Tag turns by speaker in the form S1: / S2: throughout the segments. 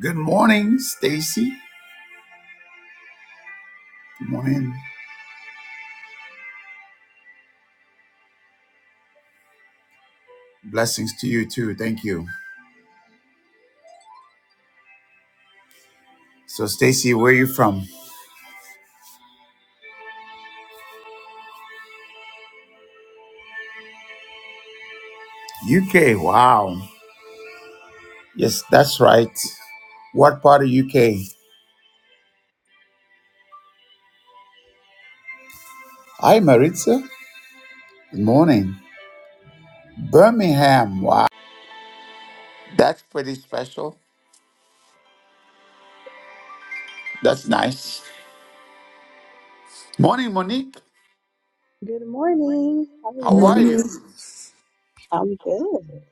S1: Good morning, Stacy. Good morning. Blessings to you too. Thank you. So, Stacy, where are you from? UK. Wow. Yes, that's right. What part of UK? Hi, Maritza. Good morning. Birmingham. Wow. That's pretty special. That's nice. Morning, Monique.
S2: Good morning. How are
S1: How
S3: Muy
S2: you?
S1: are
S3: bien.
S1: you?
S2: I'm good.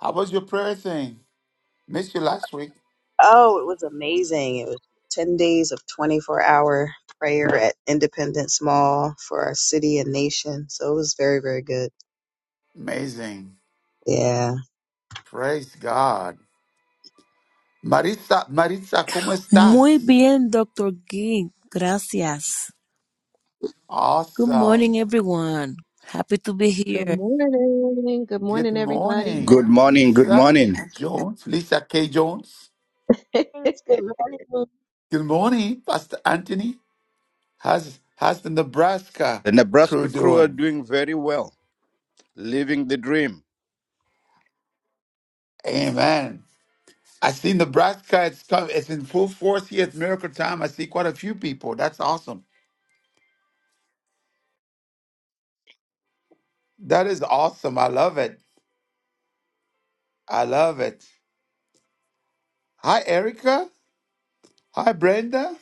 S1: How was your prayer thing? Missed you last week.
S2: Oh, it was amazing. It was 10 days of 24 hour prayer at Independence Mall for our city and nation. So it was very, very good.
S1: Amazing.
S2: Yeah.
S1: Praise God. Maritza, Maritza, ¿cómo estás?
S3: Muy bien, Dr. Gee. Gracias. Good morning,
S1: Awesome.
S3: everyone. Happy to be
S4: Good
S3: here.
S4: morning. Good
S1: Good
S4: morning, everybody.
S5: Good
S1: morning,
S5: morning, good
S1: Lisa
S5: morning.
S1: Jones, Lisa K. Jones.
S6: Greetings. Good morning.
S1: Good morning, Pastor Anthony. How's, how's the Nebraska
S5: The
S1: crew
S5: Nebraska crew are
S1: doing?
S5: doing very well, living the dream.
S1: Amen. I see Nebraska, it's, come, it's in full force here at Miracle Time. I see quite a few people. That's awesome. That is awesome. I love it. I love it. Hi, Erica. Hi, Brenda.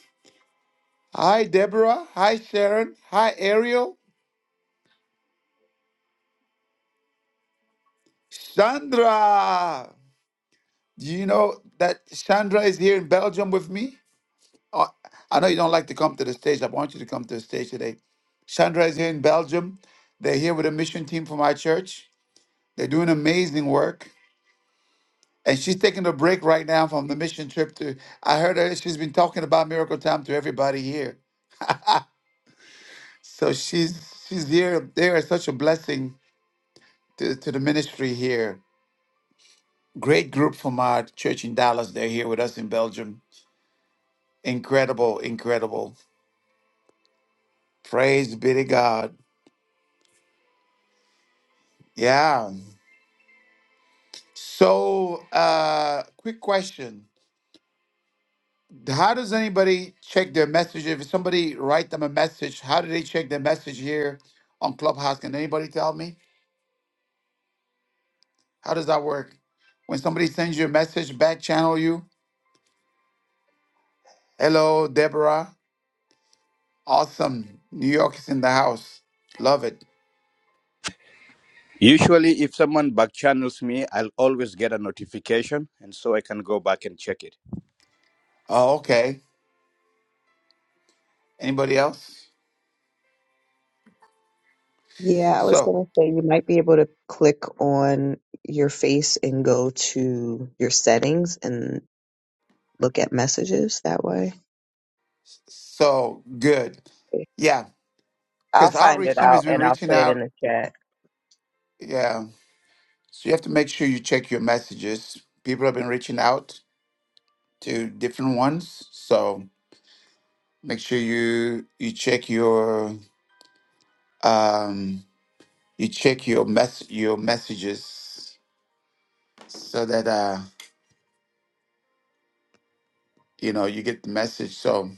S1: Hi, Deborah. Hi, Sharon. Hi, Ariel. Sandra. Do you know that Sandra is here in Belgium with me? Oh, I know you don't like to come to the stage. I want you to come to the stage today. Sandra is here in Belgium. They're here with a mission team from our church. They're doing amazing work. And she's taking a break right now from the mission trip to I heard her she's been talking about miracle time to everybody here. So she's she's here. They are such a blessing to, to the ministry here. Great group from our church in Dallas. They're here with us in Belgium. Incredible, incredible. Praise be to God. Yeah. So, uh, quick question. How does anybody check their message? If somebody write them a message, how do they check their message here on Clubhouse? Can anybody tell me? How does that work? When somebody sends you a message, back channel you. Hello, Deborah. Awesome. New York is in the house. Love it.
S5: Usually, if someone back channels me, I'll always get a notification, and so I can go back and check it.
S1: Oh, okay. Anybody else?
S2: Yeah, I was
S1: So,
S2: going to say you might be able to click on your face and go to your settings and look at messages that way.
S1: so good. Yeah,
S2: I'll
S1: because
S2: find
S1: outreach
S2: it
S1: team
S2: out
S1: has been
S2: and I'll
S1: reaching
S2: put it in
S1: out.
S2: the chat.
S1: Yeah So you have to make sure you check your messages. People have been reaching out to different ones, so make sure you you check your um you check your mess your messages so that uh you know you get the message. So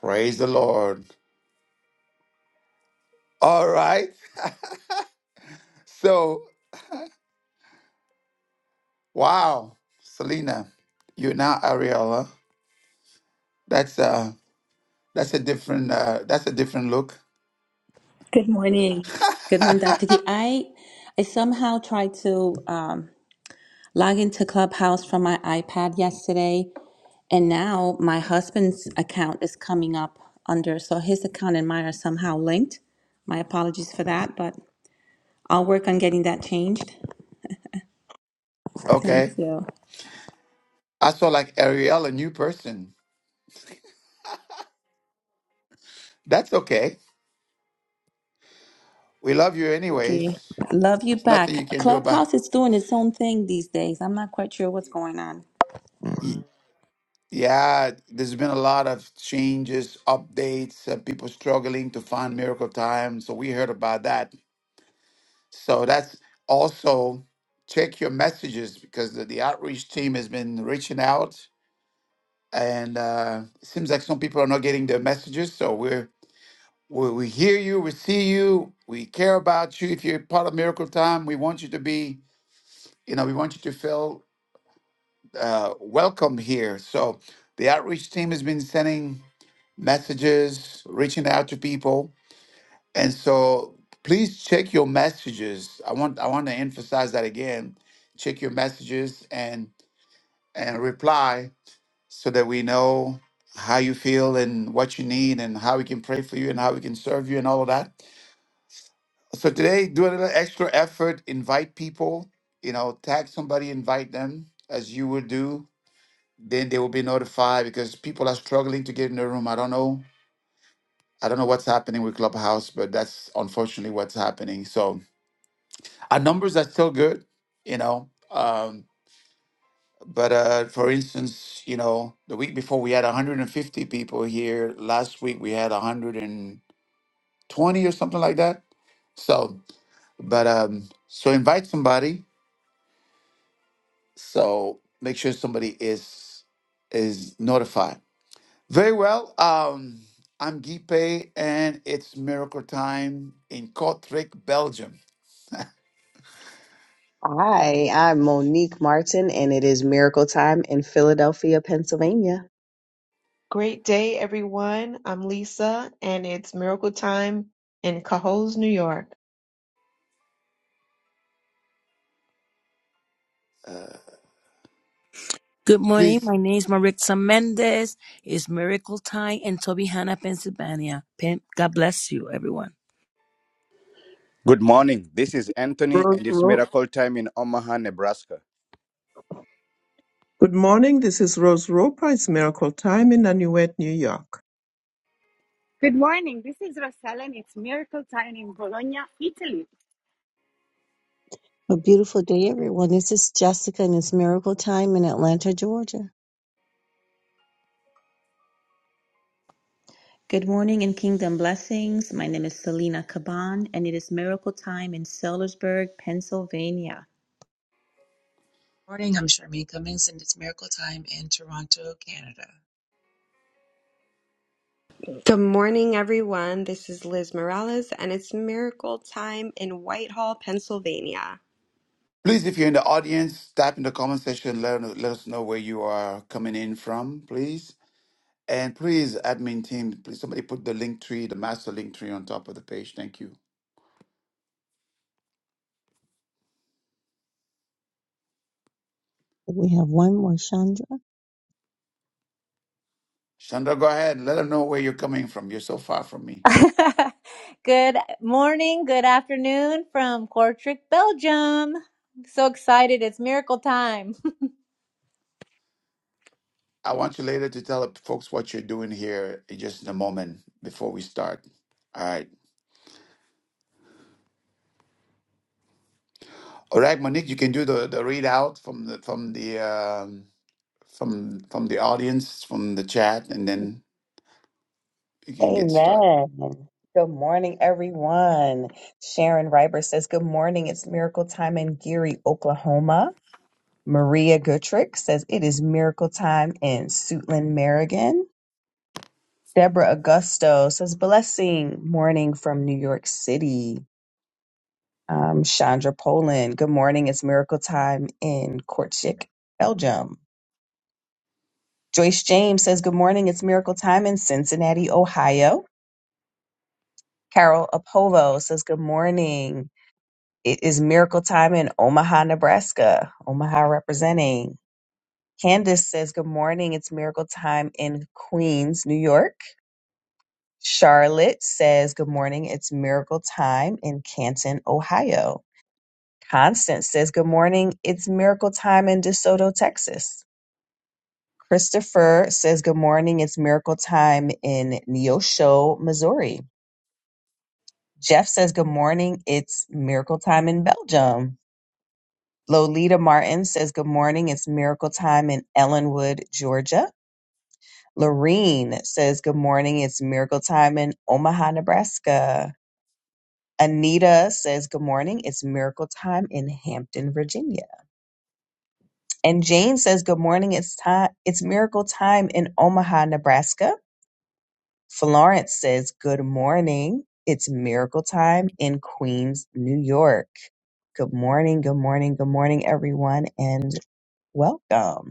S1: praise the Lord. All right. So wow, Selena, you're now Ariella. That's uh that's a different uh that's a different look.
S7: Good morning. Good morning, Dr. Key. I I somehow tried to um, log into Clubhouse from my iPad yesterday, and now my husband's account is coming up under, so his account and mine are somehow linked. My apologies for that, but I'll work on getting that changed. Thank
S1: okay.
S7: you.
S1: I saw like Ariel, a new person. That's okay. We love you anyways.
S7: Okay.
S1: It's
S7: Love you
S1: nothing
S7: back.
S1: you can do about
S7: Clubhouse is doing its own thing these days. I'm not quite sure what's going on.
S1: y- Yeah, there's been a lot of changes, updates, uh, people struggling to find miracle time. So we heard about that. So that's also check your messages because the, the outreach team has been reaching out and uh, it seems like some people are not getting their messages. So we're we, we hear you, we see you, we care about you. If you're part of Miracle Time, we want you to be, you know, we want you to feel uh, welcome here. So the outreach team has been sending messages, reaching out to people, and so please check your messages. I want I want to emphasize that again. Check your messages and and reply so that we know how you feel and what you need and how we can pray for you and how we can serve you and all of that. So today, do a little extra effort. Invite people. You know, tag somebody, invite them as you would do then they will be notified because people are struggling to get in the room. I don't know. I don't know what's happening with Clubhouse, but that's unfortunately what's happening. So our numbers are still good, you know. Um, but uh, for instance, you know, the week before we had 150 people here. Last week we had 120 or something like that. So, but um, so invite somebody. So make sure somebody is is notified Very well. Um, I'm Guy Pei, and it's miracle time in Kortrijk, Belgium.
S2: Hi, I'm Monique Martin, and it is Miracle Time in Philadelphia, Pennsylvania.
S4: Great day, everyone. I'm Lisa, and it's Miracle Time in Cohoes, New York.
S3: Good morning.
S1: Please,
S3: My name is Marixa Mendez. It's Miracle Time in Toby Hanna, Pennsylvania. Pen- God bless you, everyone.
S5: Good morning. This is Anthony,
S8: Rose
S5: and it's
S8: Ro-
S5: miracle time in Omaha, Nebraska.
S8: Good morning. This is Rose Roper. It's Miracle Time in Nanuet, New York.
S9: Good morning. This is Rosella, and it's Miracle Time in Bologna, Italy.
S10: A beautiful day, everyone. This is Jessica, and it's Miracle Time in Atlanta, Georgia.
S7: Good morning and kingdom blessings. My name is Selena Caban, and it is miracle time in Sellersburg, Pennsylvania.
S11: Morning, I'm Charmaine Cummings and it's Miracle Time in Toronto, Canada.
S12: Good morning, everyone. This is Liz Morales, and it's miracle time in Whitehall, Pennsylvania.
S1: please, if you're in the audience, type in the comment section. Let, let us know where you are coming in from, please. And please, admin team, please somebody put the link tree, the master link tree on top of the page. Thank you.
S10: We have one more, Chandra.
S1: Chandra, go ahead. Let them know where you're coming from. You're so far from me.
S13: Good morning, good afternoon from Kortrijk, Belgium. I'm so excited. It's miracle time.
S1: I want you later to tell folks what you're doing here in just in a moment before we start. All right. All right, Monique, you can do the, the readout from the from the um, from from the audience from the chat, and then you can get started.
S2: Amen. Good morning, everyone. Sharon Reiber says, Good morning. It's miracle time in Geary, Oklahoma. Maria Gutrick says, It is miracle time in Suitland, Maryland." Deborah Augusto says, Blessing morning from New York City. Um, Chandra Poland, Good morning. It's miracle time in Kortrijk, Belgium. Joyce James says, Good morning. It's miracle time in Cincinnati, Ohio. Carol Apovo says, Good morning. It is miracle time in Omaha, Nebraska. Omaha representing. Candace says, Good morning. It's miracle time in Queens, New York. Charlotte says, Good morning. It's miracle time in Canton, Ohio. Constance says, Good morning. It's miracle time in DeSoto, Texas. Christopher says, Good morning. It's miracle time in Neosho, Missouri. Jeff says, Good morning. It's miracle time in Belgium. Lolita Martin says, Good morning. It's miracle time in Ellenwood, Georgia. Lorene says, Good morning. It's miracle time in Omaha, Nebraska. Anita says, Good morning. It's miracle time in Hampton, Virginia. And Jane says, Good morning. It's time. It's miracle time in Omaha, Nebraska. Florence says, Good morning. It's miracle time in Queens, New York. Good morning. Good morning. Good morning, everyone. And welcome.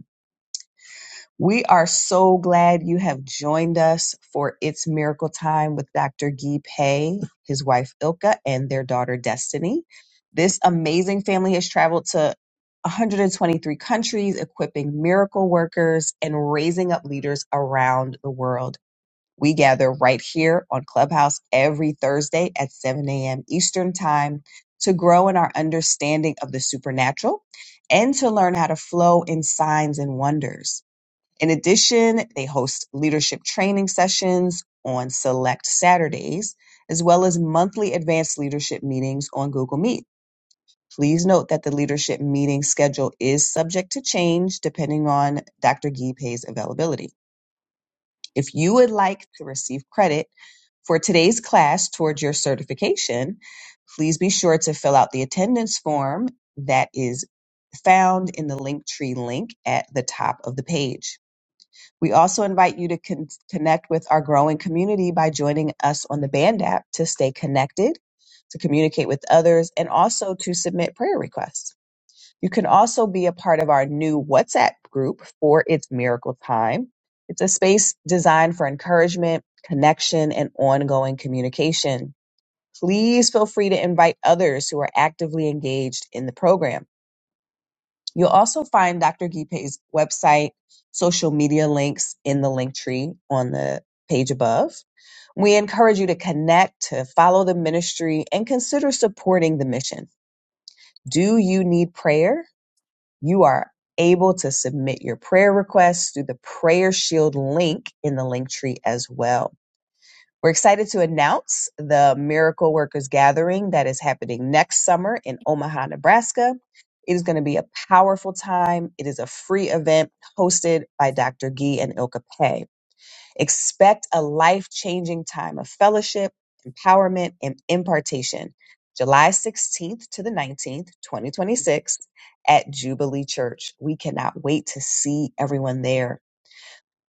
S2: We are so glad you have joined us for It's Miracle Time with Dr. Guy Pei, his wife Ilka, and their daughter Destiny. This amazing family has traveled to 123 countries, equipping miracle workers and raising up leaders around the world. We gather right here on Clubhouse every Thursday at 7 a.m. Eastern Time to grow in our understanding of the supernatural and to learn how to flow in signs and wonders. In addition, they host leadership training sessions on select Saturdays, as well as monthly advanced leadership meetings on Google Meet. Please note that the leadership meeting schedule is subject to change depending on Dr. Gipe's availability. If you would like to receive credit for today's class towards your certification, please be sure to fill out the attendance form that is found in the Linktree link at the top of the page. We also invite you to con- connect with our growing community by joining us on the Band app to stay connected, to communicate with others, and also to submit prayer requests. You can also be a part of our new WhatsApp group for It's Miracle Time. It's a space designed for encouragement, connection, and ongoing communication. Please feel free to invite others who are actively engaged in the program. You'll also find Dr. Gipe's website, social media links in the link tree on the page above. We encourage you to connect, to follow the ministry, and consider supporting the mission. Do you need prayer? You are able to submit your prayer requests through the Prayer Shield link in the link tree as well. We're excited to announce the Miracle Workers Gathering that is happening next summer in Omaha, Nebraska. It is going to be a powerful time. It is a free event hosted by Dr. Gee and Ilka Pay. Expect a life changing time of fellowship, empowerment, and impartation. July 16th to the 19th, 2026, at Jubilee Church. We cannot wait to see everyone there.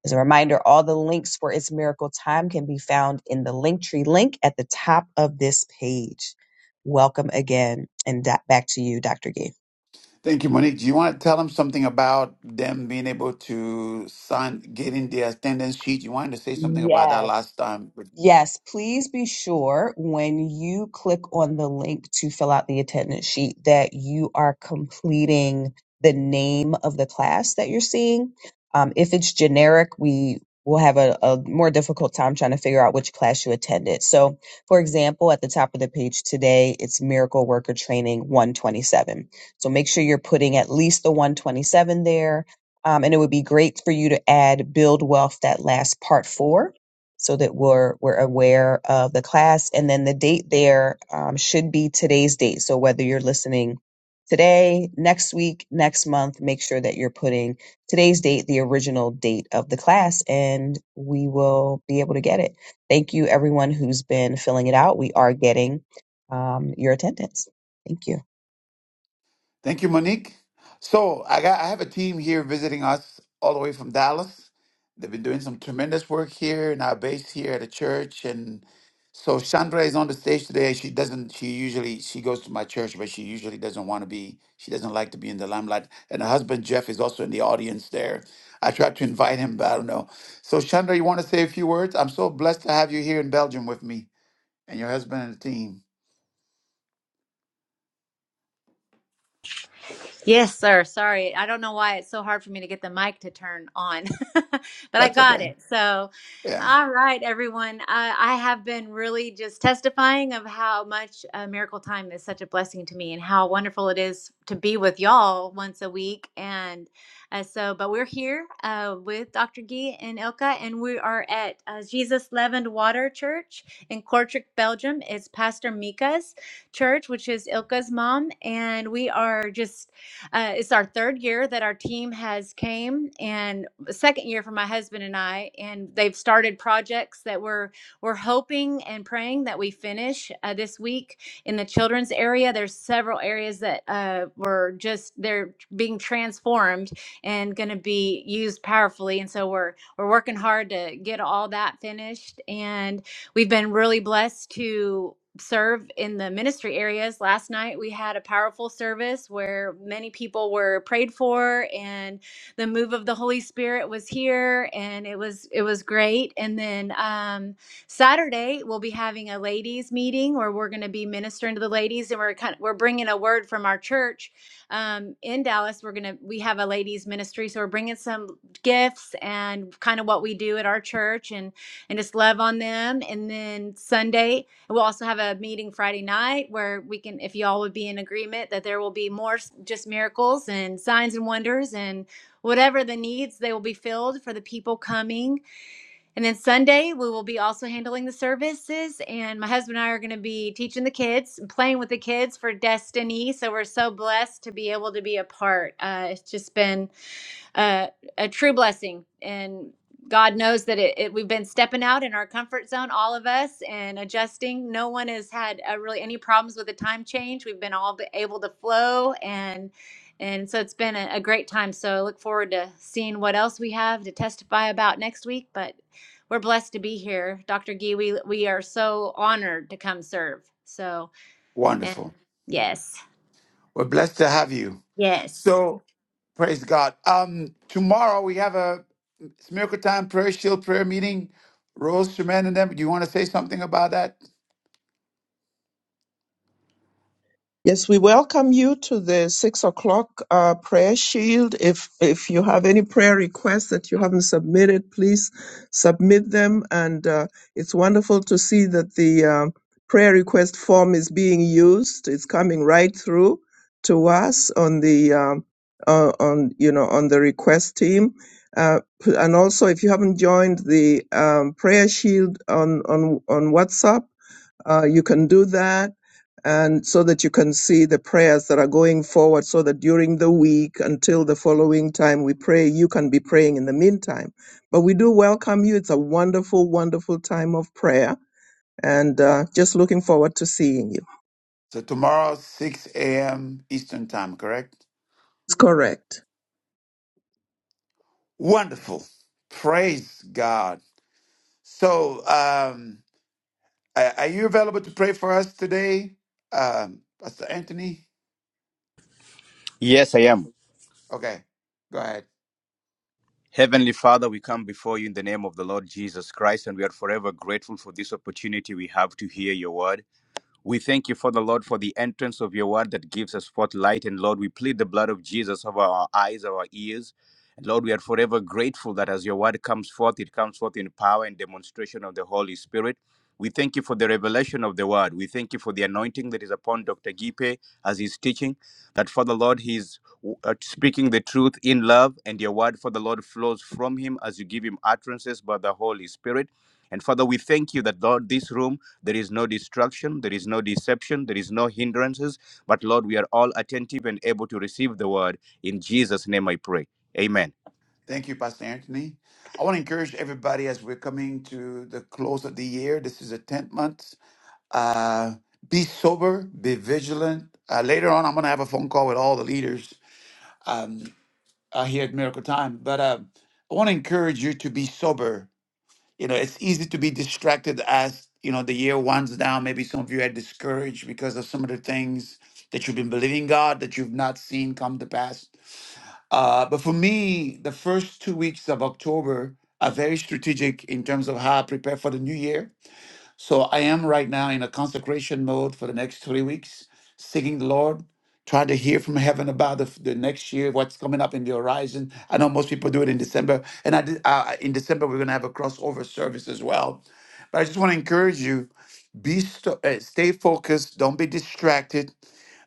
S2: As a reminder, all the links for It's Miracle Time can be found in the Linktree link at the top of this page. Welcome again, and da- back to you, Dr. Gee.
S1: Thank you, Monique. Do you want to tell them something about them being able to sign, getting their attendance sheet? You wanted to say something about that
S2: Yes.
S1: last time.
S2: Yes, please be sure when you click on the link to fill out the attendance sheet that you are completing the name of the class that you're seeing. Um, if it's generic, we will have a, a more difficult time trying to figure out which class you attended. So, for example, at the top of the page today, it's Miracle Worker Training 127. So make sure you're putting at least the 127 there. Um, and it would be great for you to add Build Wealth, that last part four so that we're we're aware of the class and then the date there um, should be today's date so whether you're listening today next week next month make sure that you're putting today's date the original date of the class and we will be able to get it thank you everyone who's been filling it out we are getting um, your attendance thank you
S1: Thank you, Monique. So I got I have a team here visiting us all the way from Dallas. They've been doing some tremendous work here in our base here at the church. And so Chandra is on the stage today. She doesn't she usually she goes to my church, but she usually doesn't want to be, she doesn't like to be in the limelight. And her husband Jeff is also in the audience there. I tried to invite him, but I don't know. So Chandra, you want to say a few words? I'm so blessed to have you here in Belgium with me and your husband and the team.
S13: Yes, sir. Sorry. I don't know why it's so hard for me to get the mic to turn on, but I
S1: That's
S13: got
S1: okay.
S13: it. So,
S1: Yeah.
S13: all right, everyone. I, I have been really just testifying of how much uh, Miracle Time is such a blessing to me and how wonderful it is to be with y'all once a week. And uh, so, but we're here uh, with Dr. Gee and Ilka, and we are at uh, Jesus Leavened Water Church in Kortrijk, Belgium. It's Pastor Mika's church, which is Ilka's mom, and we are just uh, it's our third year that our team has came, and second year for my husband and I, and they've started projects that we're we're hoping and praying that we finish uh, this week in the children's area. There's several areas that uh, were just they're being transformed and going to be used powerfully, and so we're we're working hard to get all that finished and we've been really blessed to serve in the ministry areas. Last night we had a powerful service where many people were prayed for and the move of the Holy Spirit was here and it was it was great. And then um Saturday we'll be having a ladies meeting where we're going to be ministering to the ladies and we're kind of, we're bringing a word from our church um in Dallas. We're going to we have a ladies ministry so we're bringing some gifts and kind of what we do at our church and and just love on them. And then Sunday We'll also have a meeting Friday night where we can, if y'all would be in agreement that there will be more s- just miracles and signs and wonders and whatever the needs, they will be filled for the people coming. And then Sunday, we will be also handling the services. And my husband and I are going to be teaching the kids and playing with the kids for Destiny. So we're so blessed to be able to be a part. Uh, it's just been a, a true blessing. And God knows that it, it, we've been stepping out in our comfort zone, all of us, and adjusting. No one has had uh, really any problems with the time change. We've been all be- able to flow, and and so it's been a, a great time. So I look forward to seeing what else we have to testify about next week. But we're blessed to be here, Dr. Gee. We we are so honored to come serve. So and
S1: Wonderful.
S13: yes,
S1: We're blessed to have you.
S13: yes.
S1: So, praise God. Um, tomorrow we have a it's miracle time prayer shield prayer meeting. Rose, Tremaine, and them. Do you want to say something about that?
S8: Yes, we welcome you to the six o'clock uh, prayer shield. If if you have any prayer requests that you haven't submitted, please submit them. And uh, it's wonderful to see that the um prayer request form is being used. It's coming right through to us on the um, uh, on you know on the request team. Uh, p- and also, if you haven't joined the um, prayer shield on on on WhatsApp uh, you can do that. And so that you can see the prayers that are going forward, so that during the week until the following time we pray, you can be praying in the meantime. But we do welcome you. It's a wonderful, wonderful time of prayer. And uh, just looking forward to seeing you.
S1: So tomorrow, 6 a.m. Eastern time, correct?
S8: It's correct.
S1: Wonderful. Praise God. So, um, a- are you available to pray for us today, um, Pastor Anthony?
S5: Yes, I am.
S1: Okay, go ahead.
S5: Heavenly Father, we come before you in the name of the Lord Jesus Christ, and we are forever grateful for this opportunity we have to hear your word. We thank you, Father Lord, for the entrance of your word that gives us forth light. And Lord, we plead the blood of Jesus over our eyes, our ears. And Lord, we are forever grateful that as your word comes forth, it comes forth in power and demonstration of the Holy Spirit. We thank you for the revelation of the word. We thank you for the anointing that is upon Dr. Gipe as he's teaching. That, Father Lord, he's uh, speaking the truth in love, and your word, Father Lord, flows from him as you give him utterances by the Holy Spirit. And Father, we thank you that, Lord, this room there is no destruction, there is no deception, there is no hindrances. But Lord, we are all attentive and able to receive the word. In Jesus' name I pray. Amen.
S1: Thank you, Pastor Anthony. I want to encourage everybody as we're coming to the close of the year. This is a 10th month. Uh, be sober, be vigilant. Uh, later on, I'm going to have a phone call with all the leaders um, uh, here at Miracle Time. But uh, I want to encourage you to be sober. You know, it's easy to be distracted as, you know, the year winds down. Maybe some of you are discouraged because of some of the things that you've been believing God that you've not seen come to pass uh, but for me, the first two weeks of October are very strategic in terms of how I prepare for the new year so I am right now in a consecration mode for the next three weeks, seeking the Lord, trying to hear from heaven about the, the next year, what's coming up in the horizon. I know most people do it in December, and I did, uh, in December we're going to have a crossover service as well. But I just want to encourage you: be sto- uh, stay focused, don't be distracted.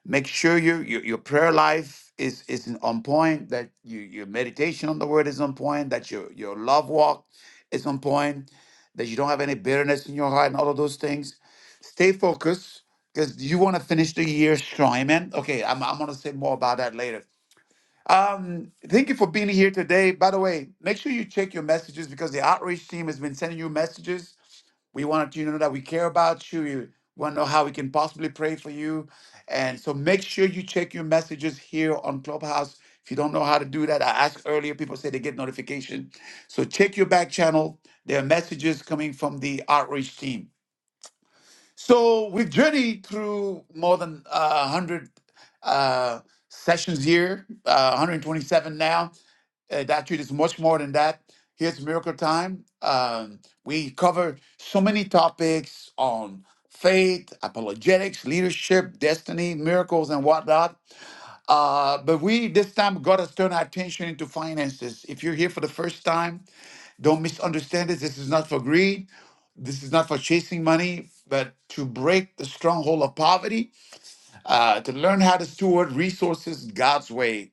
S1: Make sure your your, your prayer life is is in- on point. That you, your meditation on the word is on point. That your your love walk is on point that you don't have any bitterness in your heart and all of those things. Stay focused because you want to finish the year strong. Amen. Okay, I'm, I'm going to say more about that later. Um, thank you for being here today. By the way, make sure you check your messages because the outreach team has been sending you messages. We wanted you to know that we care about you. You want to know how we can possibly pray for you. And so make sure you check your messages here on Clubhouse. If you don't know how to do that, I asked earlier, people say they get notification. So check your back channel. There are messages coming from the outreach team. So we've journeyed through more than uh, 100 uh, sessions here, uh, 127 now. Uh, that treat is much more than that. Here's Miracle Time. Um, we cover so many topics on faith, apologetics, leadership, destiny, miracles, and whatnot. Uh, but we, this time, God has turned our attention into finances. If you're here for the first time, don't misunderstand this. This is not for greed. This is not for chasing money, but to break the stronghold of poverty, uh, to learn how to steward resources God's way.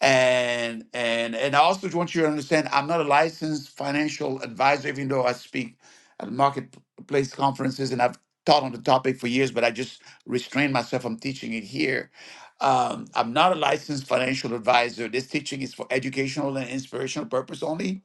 S1: And and and I also want you to understand I'm not a licensed financial advisor, even though I speak at marketplace conferences and I've taught on the topic for years, but I just restrained myself from teaching it here. Um, I'm not a licensed financial advisor. This teaching is for educational and inspirational purpose only.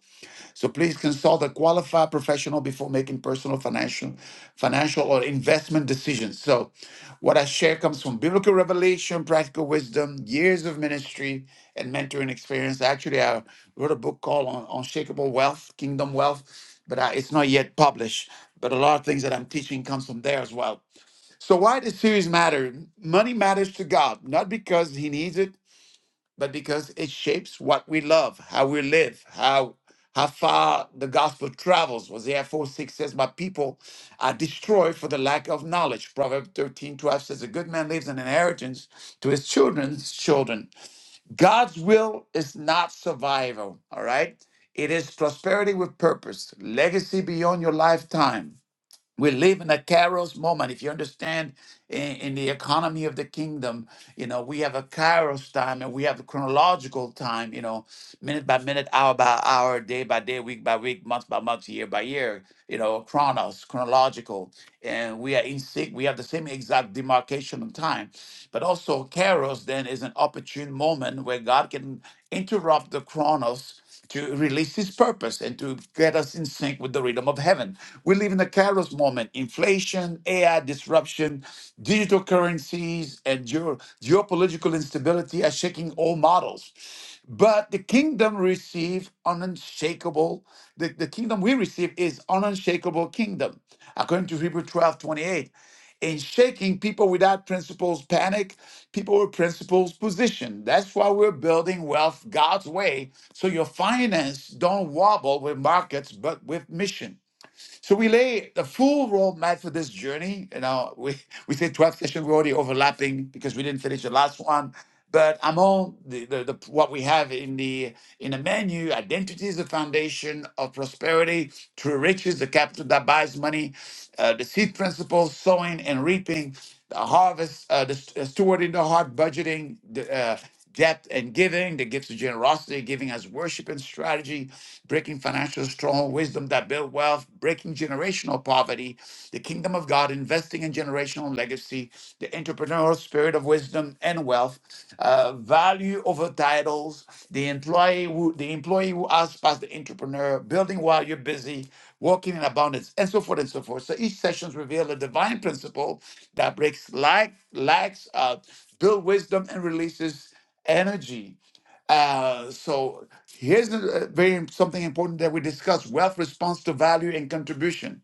S1: So please consult a qualified professional before making personal financial, financial or investment decisions. So what I share comes from biblical revelation, practical wisdom, years of ministry and mentoring experience. Actually, I wrote a book called Un- Unshakable Wealth, Kingdom Wealth, but I, it's not yet published. But a lot of things that I'm teaching comes from there as well. So why this series matter? Money matters to God, not because he needs it, but because it shapes what we love, how we live, how how far the gospel travels. Hosea 4 6 says, My people are destroyed for the lack of knowledge. Proverbs thirteen twelve says, A good man leaves an inheritance to his children's children. God's will is not survival, all right? It is prosperity with purpose, legacy beyond your lifetime we live in a kairos moment if you understand in, in the economy of the kingdom you know we have a kairos time and we have a chronological time you know minute by minute hour by hour day by day week by week month by month year by year you know chronos chronological and we are in sync we have the same exact demarcation of time but also kairos then is an opportune moment where god can interrupt the chronos to release his purpose and to get us in sync with the rhythm of heaven. We live in a kairos moment inflation, AI disruption, digital currencies, and geo- geopolitical instability are shaking all models. But the kingdom receive an unshakable, the, the kingdom we receive is an unshakable kingdom. According to Hebrew 12 28. In shaking people without principles panic, people with principles position. That's why we're building wealth God's way so your finance don't wobble with markets but with mission. So we lay the full roadmap for this journey. You know, we, we say 12 sessions, we're already overlapping because we didn't finish the last one. But among the, the, the what we have in the in the menu, identity is the foundation of prosperity. True riches, the capital that buys money, uh, the seed principles, sowing and reaping, the harvest, uh, the st- uh, stewarding the heart, budgeting, the, uh, depth and giving, the gifts of generosity, giving as worship and strategy, breaking financial strong wisdom that build wealth, breaking generational poverty, the kingdom of God, investing in generational legacy, the entrepreneurial spirit of wisdom and wealth, uh, value over titles, the employee who the employee who outspats the entrepreneur, building while you're busy, walking in abundance, and so forth and so forth. So each sessions reveal a divine principle that breaks lack, lacks, uh, build wisdom, and releases energy. Uh, so here's a, very something important that we discuss: wealth response to value and contribution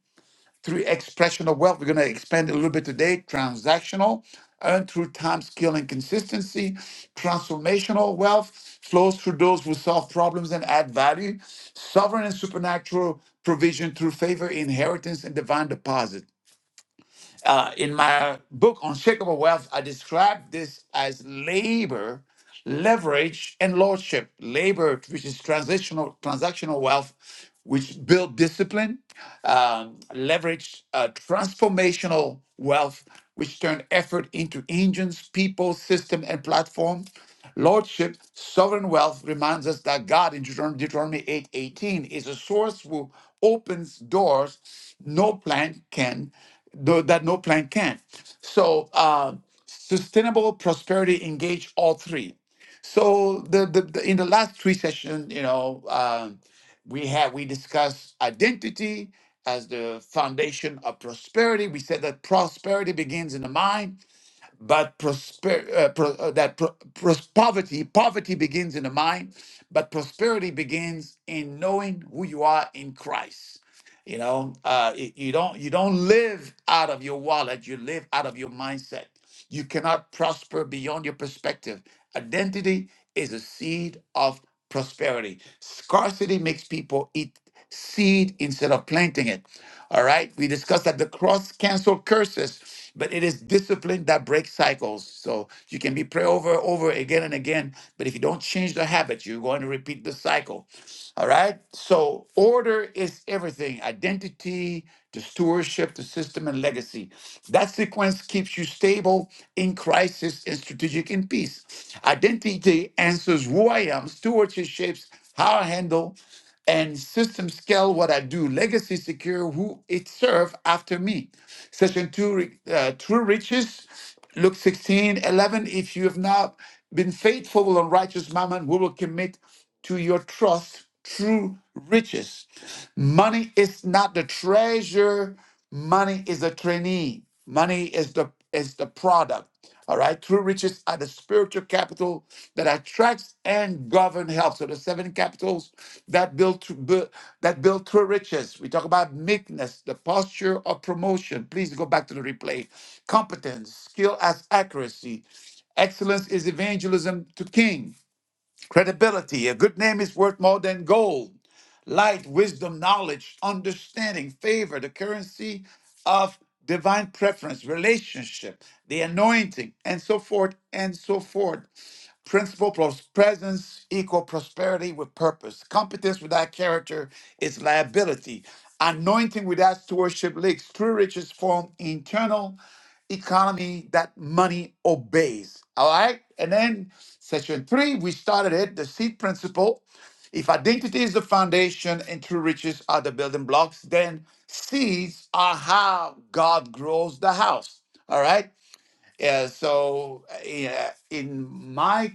S1: through expression of wealth. We're going to expand a little bit today. Transactional, earned through time, skill, and consistency. Transformational wealth flows through those who solve problems and add value. Sovereign and supernatural provision through favor, inheritance, and divine deposit. Uh, in my book, Unshakable Wealth, I describe this as labor, leverage, and lordship. Labor, which is transitional, transactional wealth, which build discipline, um, leverage, uh, transformational wealth, which turn effort into engines, people, system, and platform. Lordship, sovereign wealth reminds us that God in Deuteron- Deuteronomy 8 18 is a source who opens doors no plan can no, that no plan can. So uh, sustainable prosperity engage all three. So the, the, the in the last three sessions, you know, um, we had we discussed identity as the foundation of prosperity. We said that prosperity begins in the mind but prosper, uh, pro, uh, that pro, pros- poverty poverty begins in the mind but prosperity begins in knowing who you are in christ you know uh, it- you don't you don't live out of your wallet you live out of your mindset you cannot prosper beyond your perspective identity is a seed of prosperity scarcity makes people eat seed instead of planting it all right. We discussed that the cross canceled curses, but it is discipline that breaks cycles. So you can be pray over over again and again, but if you don't change the habit, you're going to repeat the cycle. All right. So order is everything. Identity, to stewardship, to system and legacy. That sequence keeps you stable in crisis and strategic in peace. Identity answers who I am. Stewardship shapes how I handle and system scale what I do, legacy secure who it serve after me. Session two, re- uh, true riches, Luke 16 11 If you have not been faithful on righteous mammon, we will commit to your trust true riches. Money is not the treasure Money is a trainee. Money is the is the product. All right. True riches are the spiritual capital that attracts and govern health. So the seven capitals that build, tr- bu- that build true riches. We talk about meekness, the posture of promotion. Please go back to the replay. Competence, skill as accuracy. Excellence is evangelism to king credibility. A good name is worth more than gold. Light, wisdom, knowledge, understanding, favor, the currency of divine preference, relationship, the anointing, and so forth and so forth. Principle plus presence equal prosperity with purpose. Competence without character is liability. Anointing without stewardship leaks. True riches form internal economy that money obeys. All right. And then section three, we started it, the seed principle. If identity is the foundation and true riches are the building blocks, then seeds are how God grows the house. All right. Uh, so, uh, yeah, in my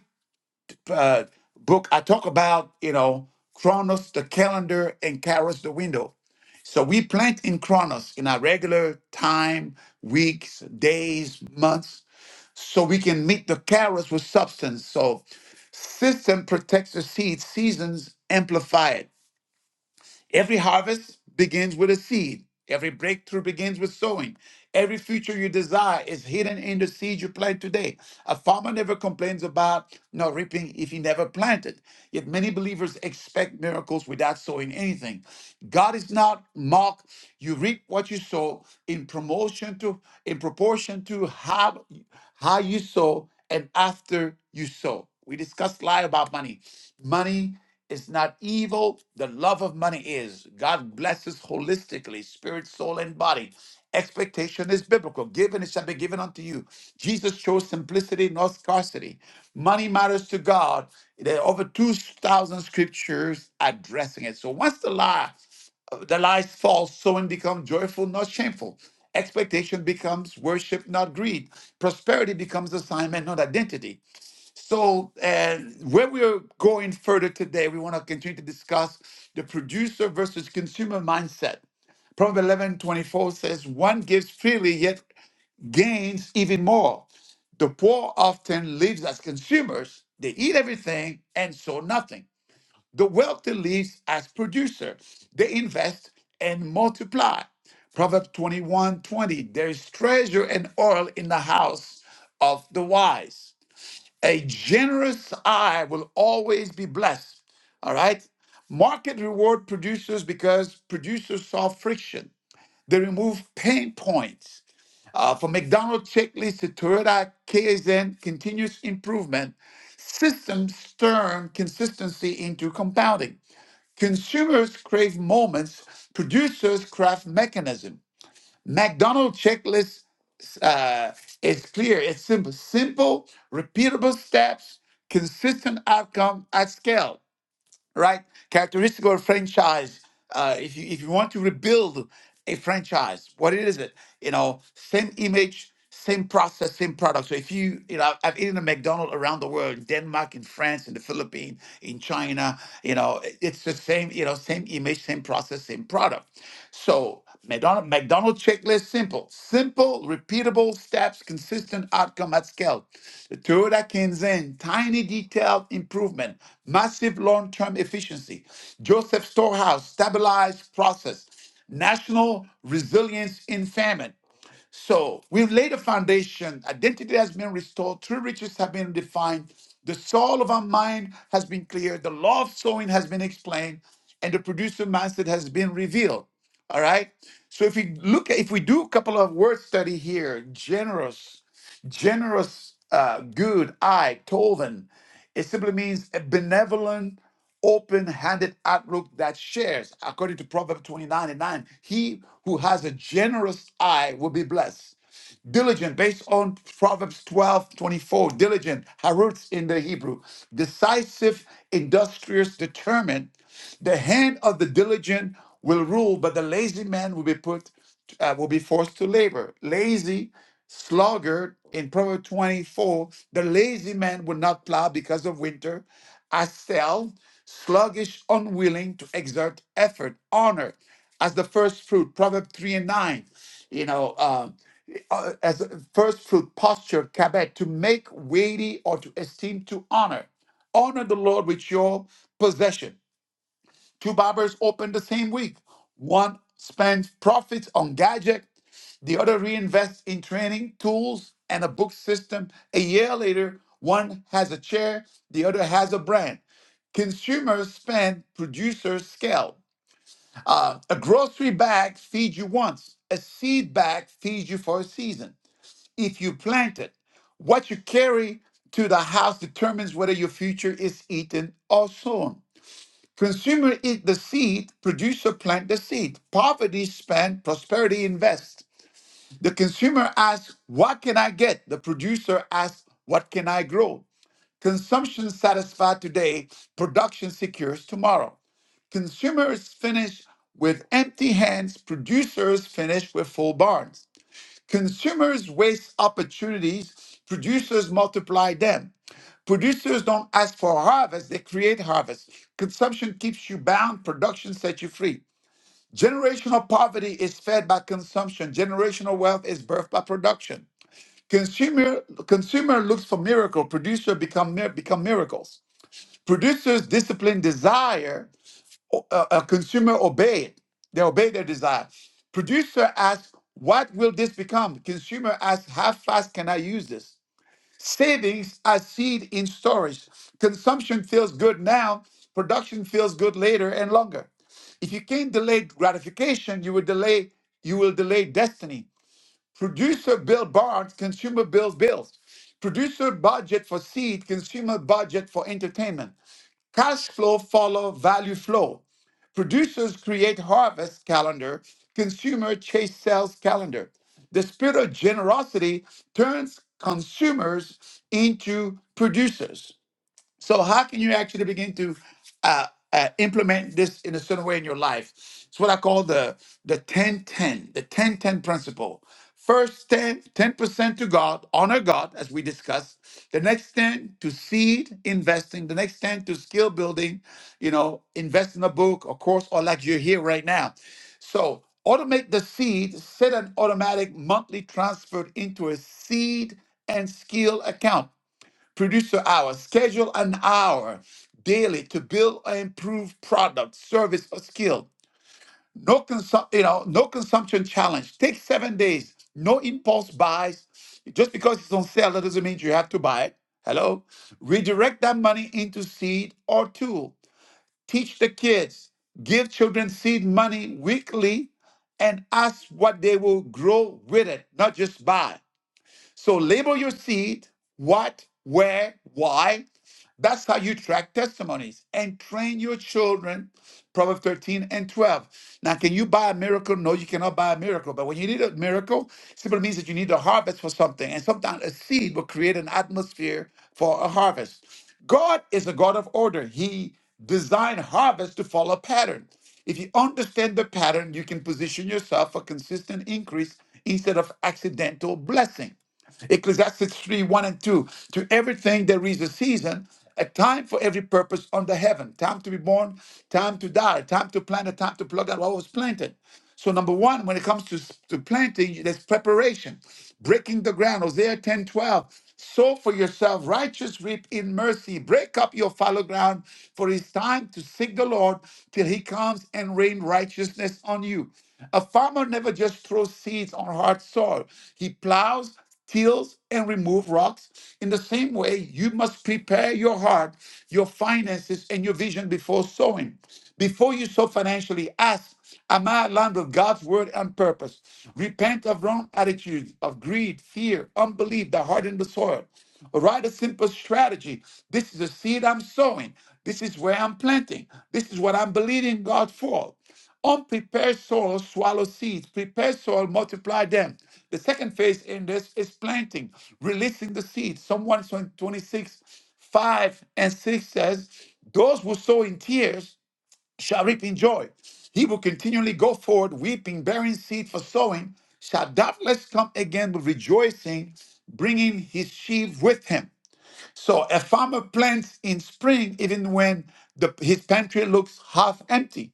S1: uh, book, I talk about, you know, Chronos, the calendar, and Kairos, the window. So we plant in Chronos in our regular time, weeks, days, months, so we can meet the Kairos with substance. So system protects the seed, seasons amplify it. Every harvest begins with a seed. Every breakthrough begins with sowing. Every future you desire is hidden in the seed you plant today. A farmer never complains about not reaping if he never planted. Yet many believers expect miracles without sowing anything. God is not mocked. You reap what you sow in promotion to in proportion to how how you sow and after you sow. We discussed lie about money. Money is not evil. The love of money is. God blesses holistically, spirit, soul, and body. Expectation is biblical. Given it shall be given unto you. Jesus chose simplicity, not scarcity. Money matters to God. There are over 2,000 scriptures addressing it. So once the lie, the lies fall, sowing becomes joyful, not shameful. Expectation becomes worship, not greed. Prosperity becomes assignment, not identity. So, and where we're going further today, we want to continue to discuss the producer versus consumer mindset. Proverbs eleven twenty four says, One gives freely, yet gains even more. The poor often lives as consumers, they eat everything and sow nothing. The wealthy lives as producer, they invest and multiply. Proverbs twenty one twenty: there is treasure and oil in the house of the wise. A generous eye will always be blessed. All right. Market reward producers because producers solve friction. They remove pain points. Uh, from McDonald's checklist to Toyota KSN, continuous improvement, systems turn consistency into compounding. Consumers crave moments, producers craft mechanism. McDonald's checklist uh, it's clear, it's simple, simple, repeatable steps, consistent outcome at scale, right? Characteristic of a franchise. Uh, if you if you want to rebuild a franchise, what is it? You know, same image, same process, same product. So if you you know, I've eaten a McDonald's around the world, in Denmark, in France, in the Philippines, in China. You know, it- it's the same. You know, same image, same process, same product. So. McDonald, McDonald's checklist simple, simple, repeatable steps, consistent outcome at scale. The Toyota Kinzen, tiny detailed improvement, massive long term efficiency. Joseph Storehouse, stabilized process. National resilience in famine. So we've laid a foundation. Identity has been restored. True riches have been defined. The soul of our mind has been cleared. The law of sowing has been explained. And the producer mindset has been revealed. All right. So if we look at, if we do a couple of word study here, generous. Generous, uh, good, eye, Tovin. It simply means a benevolent, open-handed outlook that shares. According to Proverbs 29 and 9, he who has a generous eye will be blessed. Diligent, based on Proverbs 12 24. diligent, harutz in the Hebrew, decisive, industrious, determined. The hand of the diligent will rule, but the lazy man will be put, uh, will be forced to labor. Lazy Sluggard in Proverbs 24, the lazy man will not plow because of winter. Astel, sluggish, unwilling to exert effort, honor as the first fruit. Proverbs 3 and 9, you know, um, uh, as a first fruit posture, kabet, to make weighty or to esteem to honor. Honor the Lord with your possession Two barbers open the same week. One spends profits on gadget, the other reinvests in training, tools, and a book system. A year later, one has a chair, the other has a brand. Consumers spend, producers scale. Uh, a grocery bag feeds you once, a seed bag feeds you for a season. If you plant it, what you carry to the house determines whether your future is eaten or sown. Consumer eat the seed, producer plant the seed. Poverty spend, prosperity invest. The consumer asks, What can I get? The producer asks, What can I grow? Consumption satisfied today, production secures tomorrow. Consumers finish with empty hands, producers finish with full barns. Consumers waste opportunities, producers multiply them. Producers don't ask for harvest, they create harvest. Consumption keeps you bound, production sets you free. Generational poverty is fed by consumption, generational wealth is birthed by production. Consumer consumer looks for miracle, producer become mir- become miracles. Producers discipline desire, a uh, consumer obey it. They obey their desire. Producer asks, "What will this become?" Consumer asks, "How fast can I use this?" Savings are seed in storage. Consumption feels good now, production feels good later and longer. If you can't delay gratification, you will delay you will delay destiny. Producer bill bonds, consumer bills bills. Producer budget for seed, consumer budget for entertainment. Cash flow follow value flow. Producers create harvest calendar, consumer chase sales calendar. The spirit of generosity turns consumers into producers. So how can you actually begin to uh, uh, implement this in a certain way in your life? It's what I call the the 10-10, the 10-10 principle. First ten ten the ten ten principle 1st ten ten percent to God, honor God, as we discussed. The next 10 to seed investing. The next 10 to skill building, you know, invest in a book a course or like you're here right now. So automate the seed, set an automatic monthly transfer into a seed and skill account. Produce your hour. Schedule an hour daily to build or improve product, service, or skill. No consum- you know, no consumption challenge. Take seven days. No impulse buys. Just because it's on sale, that doesn't mean you have to buy it. Hello? Redirect that money into seed or tool. Teach the kids. Give children seed money weekly and ask what they will grow with it, not just buy. So label your seed, what, where, why. That's how you track testimonies and train your children. Proverbs 13 and 12. Now, can you buy a miracle? No, you cannot buy a miracle. But when you need a miracle, simply means that you need a harvest for something. And sometimes a seed will create an atmosphere for a harvest. God is a God of order. He designed harvest to follow a pattern. If you understand the pattern, you can position yourself for consistent increase instead of accidental blessing. Ecclesiastes 3 1 and 2. To everything there is a season, a time for every purpose under heaven, time to be born, time to die, time to plant, a time to pluck out what was planted. So, number one, when it comes to, to planting, there's preparation, breaking the ground, Hosea 10 12 Sow for yourself, righteous reap in mercy. Break up your fallow ground, for it's time to seek the Lord till he comes and rain righteousness on you. A farmer never just throws seeds on hard soil, he plows tills, and remove rocks. In the same way, you must prepare your heart, your finances, and your vision before sowing. Before you sow financially, ask, Am I aligned with God's word and purpose? Repent of wrong attitudes of greed, fear, unbelief that harden the soil. Write a simple strategy. This is the seed I'm sowing. This is where I'm planting. This is what I'm believing God for. Unprepared soil swallows seeds. Prepared soil multiply them. The second phase in this is planting, releasing the seeds. Psalm 126, 5 and 6 says, Those who sow in tears shall reap in joy. He will continually go forward, weeping, bearing seed for sowing, shall doubtless come again with rejoicing, bringing his sheaf with him. So a farmer plants in spring even when the, his pantry looks half empty.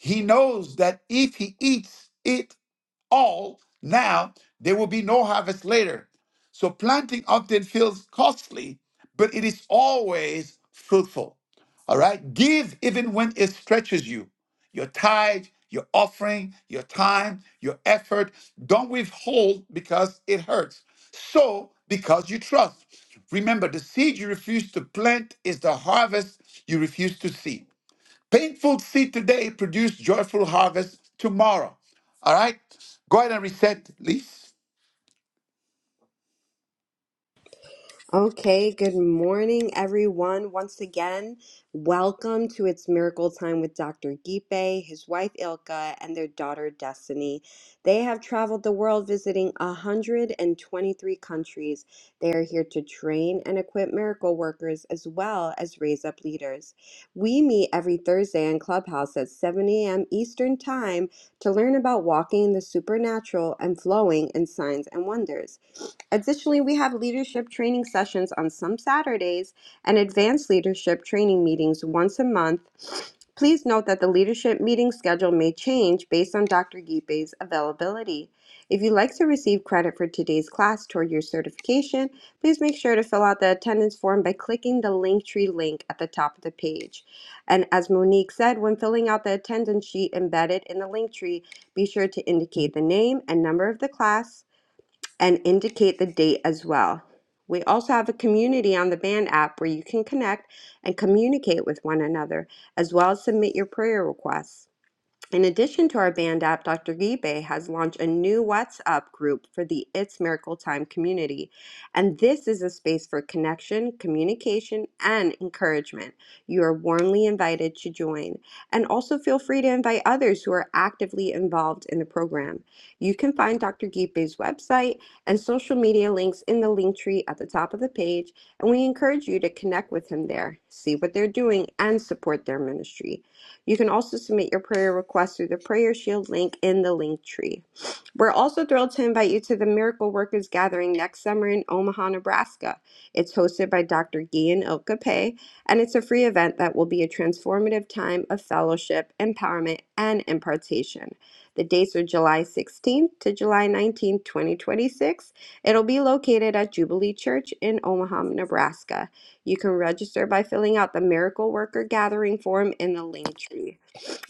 S1: He knows that if he eats it all now, there will be no harvest later. So planting often feels costly, but it is always fruitful. All right? Give even when it stretches you. Your tithe, your offering, your time, your effort. Don't withhold because it hurts. So, because you trust. Remember, the seed you refuse to plant is the harvest you refuse to see. Painful seed today produce joyful harvest tomorrow. All right? Go ahead and reset, Lise.
S12: Okay, good morning, everyone. Once again, welcome to It's Miracle Time with Dr. Gipe, his wife Ilka, and their daughter Destiny. They have traveled the world visiting 123 countries. They are here to train and equip miracle workers as well as raise up leaders. We meet every Thursday in Clubhouse at 7 a.m. Eastern Time to learn about walking in the supernatural and flowing in signs and wonders. Additionally, we have leadership training sessions on some Saturdays and advanced leadership training meetings once a month. Please note that the leadership meeting schedule may change based on Dr. Gipe's availability. If you'd like to receive credit for today's class toward your certification, please make sure to fill out the attendance form by clicking the Linktree link at the top of the page. And as Monique said, when filling out the attendance sheet embedded in the Linktree, be sure to indicate the name and number of the class, and indicate the date as well. We also have a community on the Band app where you can connect and communicate with one another, as well as submit your prayer requests. In addition to our band app, Dr. Gibe has launched a new WhatsApp group for the It's Miracle Time community. And this is a space for connection, communication, and encouragement. You are warmly invited to join. And also feel free to invite others who are actively involved in the program. You can find Dr. Gibe's website and social media links in the link tree at the top of the page. And we encourage you to connect with him there, see what they're doing, and support their ministry. You can also submit your prayer request through the Prayer Shield link in the link tree. We're also thrilled to invite you to the Miracle Workers Gathering next summer in Omaha, Nebraska. It's hosted by Dr. Guillen Okape, and it's a free event that will be a transformative time of fellowship, empowerment, and impartation. The dates are July 16th to July 19th, 2026. It'll be located at Jubilee Church in Omaha, Nebraska you can register by filling out the Miracle Worker Gathering form in the link tree.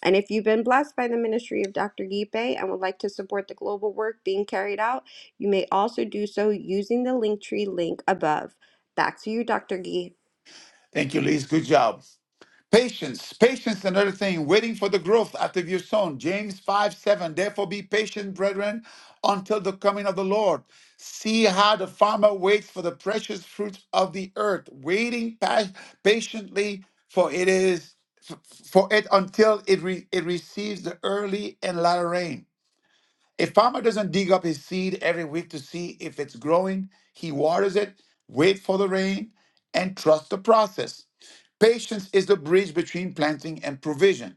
S12: And if you've been blessed by the ministry of Dr. Gipe and would like to support the global work being carried out, you may also do so using the link tree link above. Back to you, Dr. Gee.
S1: Thank you, Lise. Good job. Patience. Patience, another thing, waiting for the growth after you've sown. James 5 7. Therefore be patient, brethren, until the coming of the Lord. See how the farmer waits for the precious fruits of the earth, waiting pa- patiently, for it is for it until it, re- it receives the early and latter rain. A farmer doesn't dig up his seed every week to see if it's growing. He waters it, waits for the rain, and trusts the process. Patience is the bridge between planting and provision.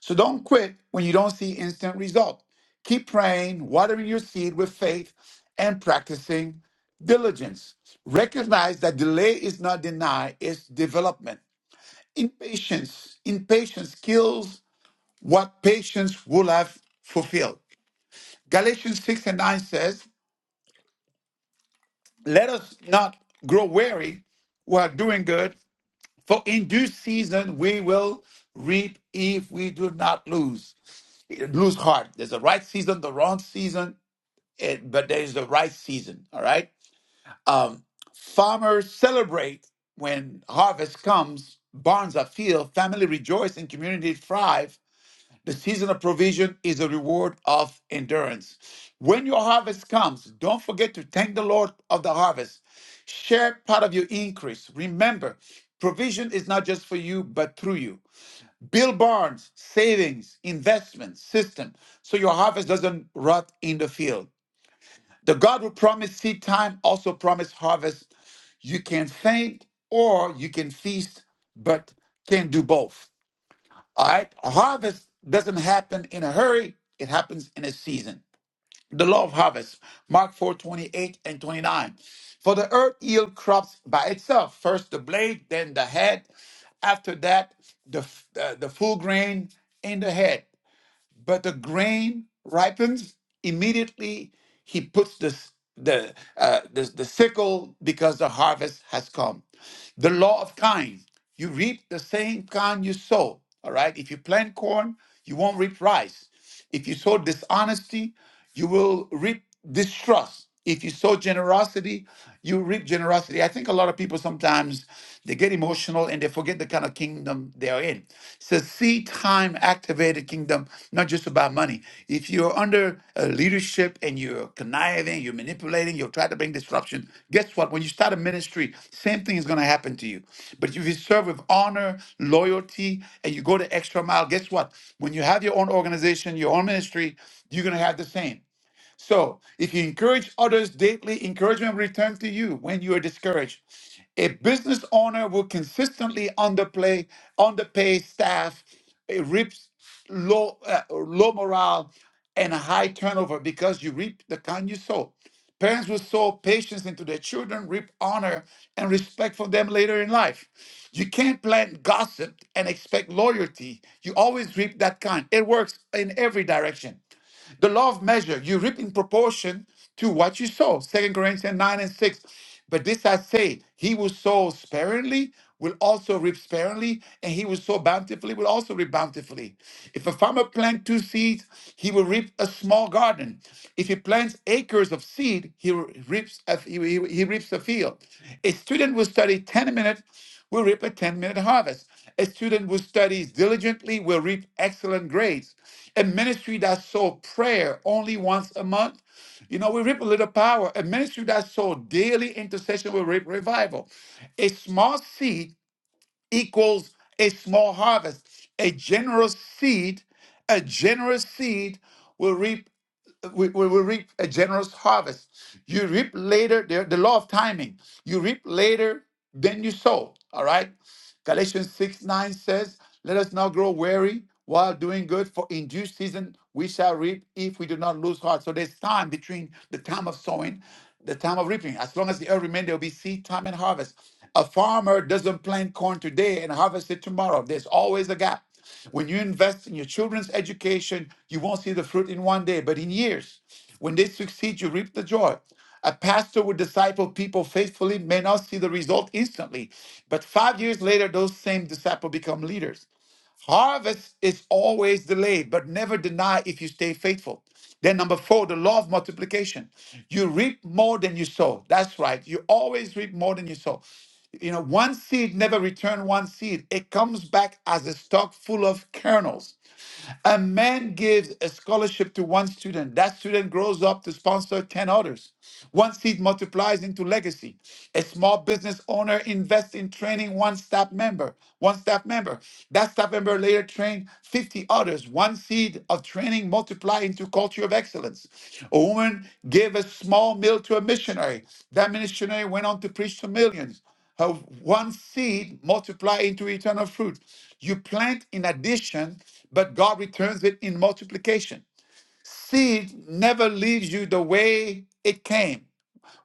S1: So don't quit when you don't see instant result. Keep praying, watering your seed with faith, and practicing diligence. Recognize that delay is not deny, it's development. Impatience, impatience kills what patience will have fulfilled. Galatians 6 and 9 says, let us not grow weary while doing good, for in due season we will reap if we do not lose lose heart. There's a right season, the wrong season, and, but there's the right season. All right. Um, farmers celebrate when harvest comes. Barns are filled. Family rejoice and community thrive. The season of provision is a reward of endurance. When your harvest comes, don't forget to thank the Lord of the harvest. Share part of your increase. Remember, provision is not just for you, but through you. Build barns, savings, investment system, so your harvest doesn't rot in the field. The God who promised seed time also promised harvest. You can faint or you can feast, but can do both. All right. A harvest doesn't happen in a hurry, it happens in a season. The law of harvest, Mark 4:28 and 29. For the earth yield crops by itself first the blade, then the head. After that, the, uh, the full grain in the head. But the grain ripens immediately. He puts the s- the, uh, the the sickle because the harvest has come. The law of kind: you reap the same kind you sow. All right. If you plant corn, you won't reap rice. If you sow dishonesty, you will reap distrust. If you sow generosity, you reap generosity. I think a lot of people sometimes they get emotional and they forget the kind of kingdom they are in. It's a seed time activated kingdom, not just about money. If you you're under uh, leadership and you're conniving, you're manipulating, you will try to bring disruption, guess what? When you start a ministry, same thing is going to happen to you. But if you serve with honor, loyalty, and you go the extra mile, guess what? When you have your own organization, your own ministry, you're going to have the same. So if you encourage others daily, encouragement will return to you when you are discouraged. A business owner will consistently underplay, underpay staff, it reaps low, uh, low morale and a high turnover because you reap the kind you sow. Parents will sow patience into their children, reap honor and respect from them later in life. You can't plant gossip and expect loyalty. You always reap that kind. It works in every direction. The law of measure, you reap in proportion to what you sow. Second Corinthians 9 and 6. But this I say, he who sows sparingly will also reap sparingly, and he who sows bountifully will also reap bountifully. If a farmer plant two seeds, he will reap a small garden. If he plants acres of seed, he reaps a, he, he he reaps a field. A student will study 10 minutes will reap a 10 minute harvest. A student who studies diligently will reap excellent grades. A ministry that sows prayer only once a month, you know, we reap a little power. A ministry that sows daily intercession will reap revival. A small seed equals a small harvest. A generous seed, a generous seed will reap we, we will reap a generous harvest. You reap later, the, the law of timing. You reap later than you sow. All right. Galatians 6 9 says, Let us not grow weary while doing good, for in due season we shall reap if we do not lose heart. So there's time between the time of sowing the time of reaping. As long as the earth remains, there will be seed time and harvest. A farmer doesn't plant corn today and harvest it tomorrow. There's always a gap. When you invest in your children's education, you won't see the fruit in one day, but in years. When they succeed, you reap the joy. A pastor who disciple people faithfully may not see the result instantly, but five years later, those same disciples become leaders. Harvest is always delayed, but never deny if you stay faithful. Then, number four, the law of multiplication. You reap more than you sow. That's right. You always reap more than you sow. You know, one seed never return one seed. It comes back as a stock full of kernels. A man gives a scholarship to one student. That student grows up to sponsor 10 others. One seed multiplies into legacy. A small business owner invests in training one staff member. One staff member. That staff member later trained 50 others. One seed of training multiply into culture of excellence. A woman gave a small meal to a missionary. That missionary went on to preach to millions. How one seed multiply into eternal fruit. You plant in addition, but God returns it in multiplication. Seed never leaves you the way it came.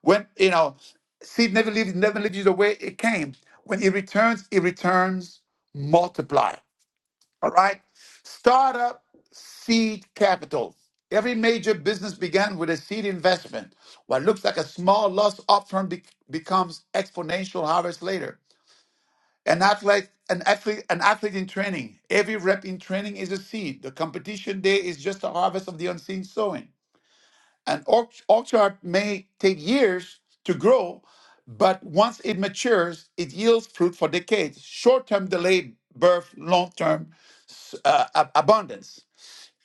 S1: When you know, seed never leaves never leaves you the way it came. When it returns, it returns multiply. All right. Startup seed capital. Every major business began with a seed investment. What looks like a small loss upfront be- becomes exponential harvest later. An athlete, an athlete, an athlete in training. Every rep in training is a seed. The competition day is just a harvest of the unseen sowing. An org, org chart may take years to grow, but once it matures, it yields fruit for decades. Short-term delay birth long-term uh, ab- abundance.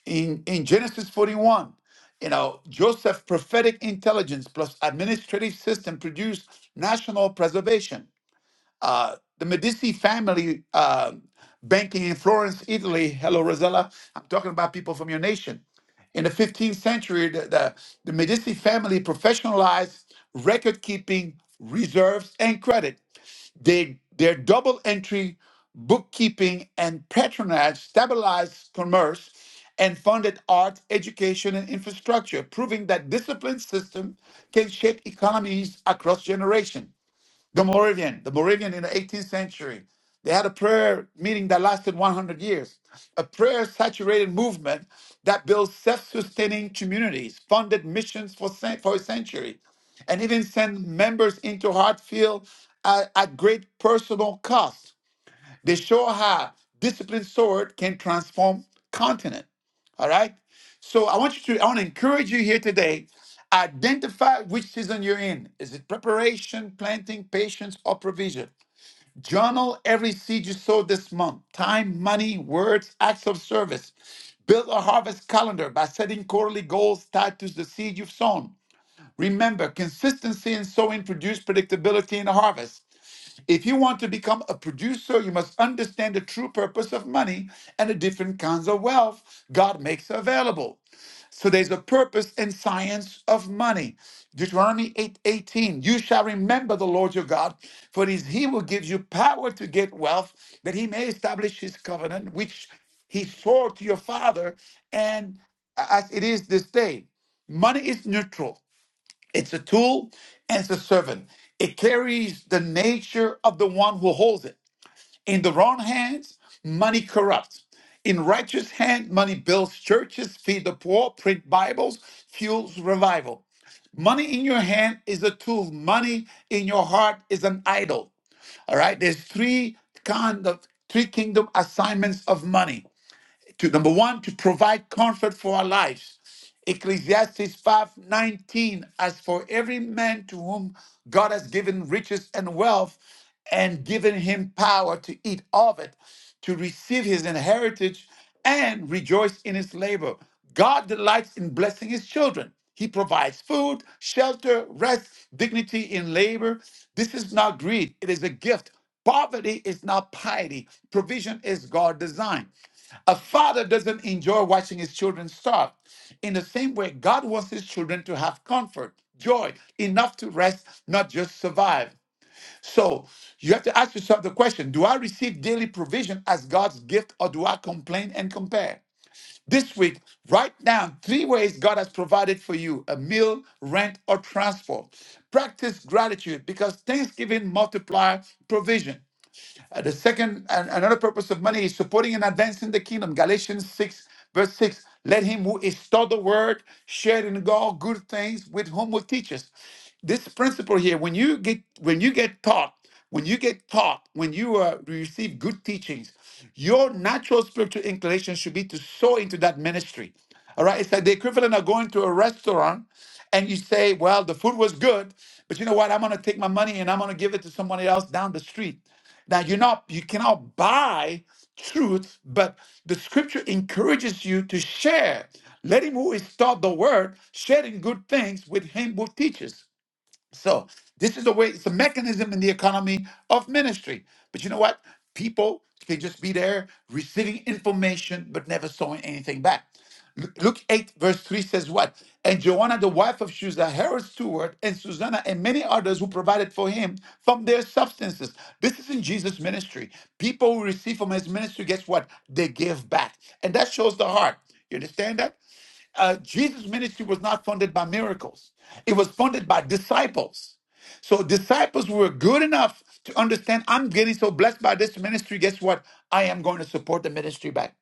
S1: In in Genesis 41, you know, Joseph's prophetic intelligence plus administrative system produced national preservation. Uh, the Medici family uh, banking in Florence, Italy. Hello, Rosella. I'm talking about people from your nation. In the 15th century, the, the, the Medici family professionalized record keeping, reserves, and credit. They, their double entry bookkeeping and patronage stabilized commerce and funded art, education, and infrastructure, proving that disciplined system can shape economies across generations. The Moravian, the Moravian in the 18th century, they had a prayer meeting that lasted 100 years, a prayer saturated movement that built self sustaining communities, funded missions for, cen- for a century, and even sent members into Hartfield at, at great personal cost. They show how disciplined sword can transform continent. All right. So I want you to, I want to encourage you here today. Identify which season you're in. Is it preparation, planting, patience, or provision? Journal every seed you sow this month. Time, money, words, acts of service. Build a harvest calendar by setting quarterly goals tied to the seed you've sown. Remember, consistency in sowing produces predictability in the harvest. If you want to become a producer, you must understand the true purpose of money and the different kinds of wealth God makes available. So there's a purpose and science of money. Deuteronomy 8:18. You shall remember the Lord your God, for it is he who gives you power to get wealth, that he may establish his covenant, which he swore to your father, and as it is this day. Money is neutral. It's a tool and it's a servant. It carries the nature of the one who holds it. In the wrong hands, money corrupts. In righteous hand, money builds churches, feed the poor, print Bibles, fuels revival. Money in your hand is a tool. Money in your heart is an idol. All right. There's three kind of three kingdom assignments of money to number one to provide comfort for our lives ecclesiastes 5.19 as for every man to whom god has given riches and wealth and given him power to eat of it to receive his inheritance and rejoice in his labor god delights in blessing his children he provides food shelter rest dignity in labor this is not greed it is a gift Poverty is not piety. Provision is God's design. A father doesn't enjoy watching his children starve. In the same way, God wants his children to have comfort, joy, enough to rest, not just survive. So you have to ask yourself the question Do I receive daily provision as God's gift, or do I complain and compare? This week, write down three ways God has provided for you a meal, rent, or transport. Practice gratitude because Thanksgiving multiplies provision. Uh, the second and another purpose of money is supporting and advancing the kingdom. Galatians 6, verse 6. Let him who is taught the word share in God good things with whom will teach us. This principle here, when you get when you get taught, when you get taught, when you uh, receive good teachings, your natural spiritual inclination should be to sow into that ministry. All right, it's like the equivalent of going to a restaurant and you say, Well, the food was good, but you know what? I'm gonna take my money and I'm gonna give it to somebody else down the street. Now you're not you cannot buy truth, but the scripture encourages you to share. Let him who is taught the word share in good things with him who teaches. So this is a way, it's a mechanism in the economy of ministry. But you know what? People can just be there receiving information but never sowing anything back. Lu- Luke 8, verse 3 says what? And Joanna, the wife of Shusa, Herod's steward, and Susanna, and many others who provided for him from their substances. This is in Jesus' ministry. People who receive from his ministry, guess what? They give back. And that shows the heart. You understand that? uh, Jesus' ministry was not funded by miracles, it was funded by disciples. So disciples were good enough to understand I'm getting so blessed by this ministry. Guess what? I am going to support the ministry back.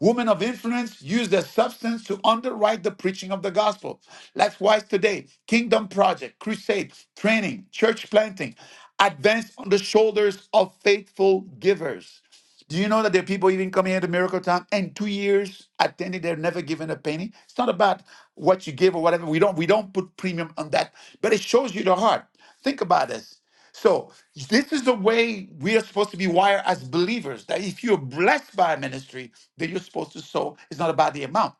S1: Women of influence use their substance to underwrite the preaching of the gospel. Likewise, today, Kingdom Project, crusade, training, church planting advance on the shoulders of faithful givers. Do you know that there are people even coming here to Miracle Time and two years attending, they're never given a penny? It's not about what you give or whatever. We don't we don't put premium on that, but it shows you the heart. Think about this. So this is the way we are supposed to be wired as believers. That if you're blessed by a ministry, then you're supposed to sow. It's not about the amount.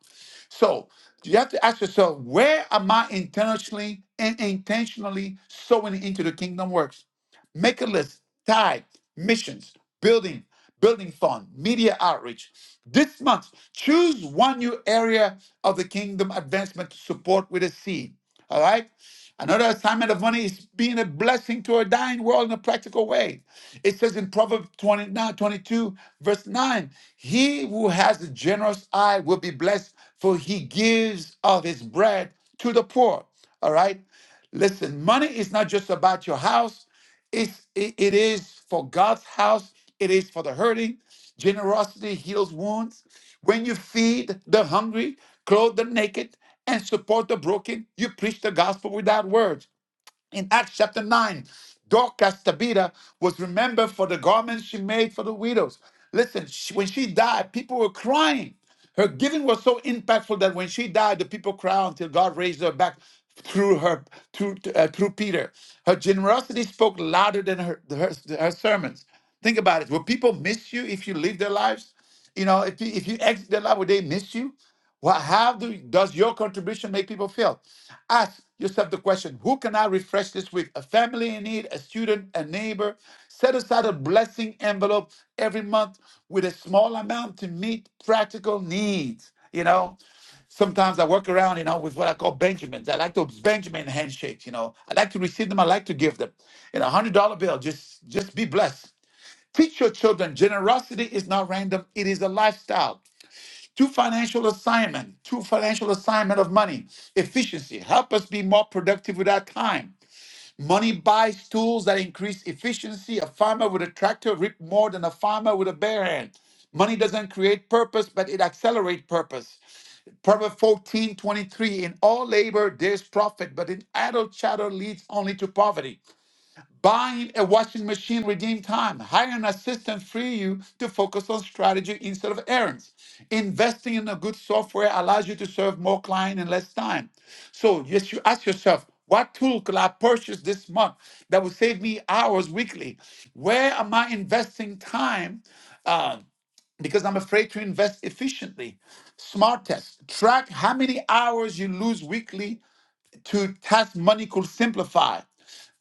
S1: So you have to ask yourself, where am I intentionally and intentionally sowing into the kingdom works? Make a list, tithe, missions, building, building fund, media outreach. This month, choose one new area of the kingdom advancement to support with a seed. All right? Another assignment of money is being a blessing to a dying world in a practical way. It says in Proverbs 29 22 verse 9, he who has a generous eye will be blessed, for he gives of his bread to the poor. All right? Listen, money is not just about your house. It's, it, it is for God's house, it is for the hurting. Generosity heals wounds. When you feed the hungry, clothe the naked, and support the broken, you preach the gospel without words in Acts chapter 9, Dorcas Tabitha was remembered for the garments she made for the widows. Listen, she- when she died, people were crying. Her giving was so impactful that when she died, the people cried until God raised her back through her through uh, through Peter. Her generosity spoke louder than her, her her sermons. Think about it. Will people miss you if you live their lives? You know, if you, if you exit their life, will they miss you? What, how do, does your contribution make people feel? Ask yourself the question who can I refresh this week? A family in need, a student, a neighbor. Set aside a blessing envelope every month with a small amount to meet practical needs. You know, sometimes I work around, you know, with what I call Benjamins. I like to Benjamin handshakes, you know. I like to receive them, I like to give them. You know, one hundred dollar bill, just just be blessed. Teach your children generosity is not random, it is a lifestyle to financial assignment, to financial assignment of money, efficiency, help us be more productive with our time. Money buys tools that increase efficiency. A farmer with a tractor reap more than a farmer with a bare hand. Money doesn't create purpose, but it accelerates purpose. Proverbs 14:23. in all labor there's profit, but in idle chatter leads only to poverty. Buying a washing machine redeem time. Hiring an assistant free you to focus on strategy instead of errands. Investing in a good software allows you to serve more clients in less time. So yes, you ask yourself, what tool could I purchase this month that will save me hours weekly? Where am I investing time? uh, because I'm afraid to invest efficiently. Smart test. Track how many hours you lose weekly to task money could simplify.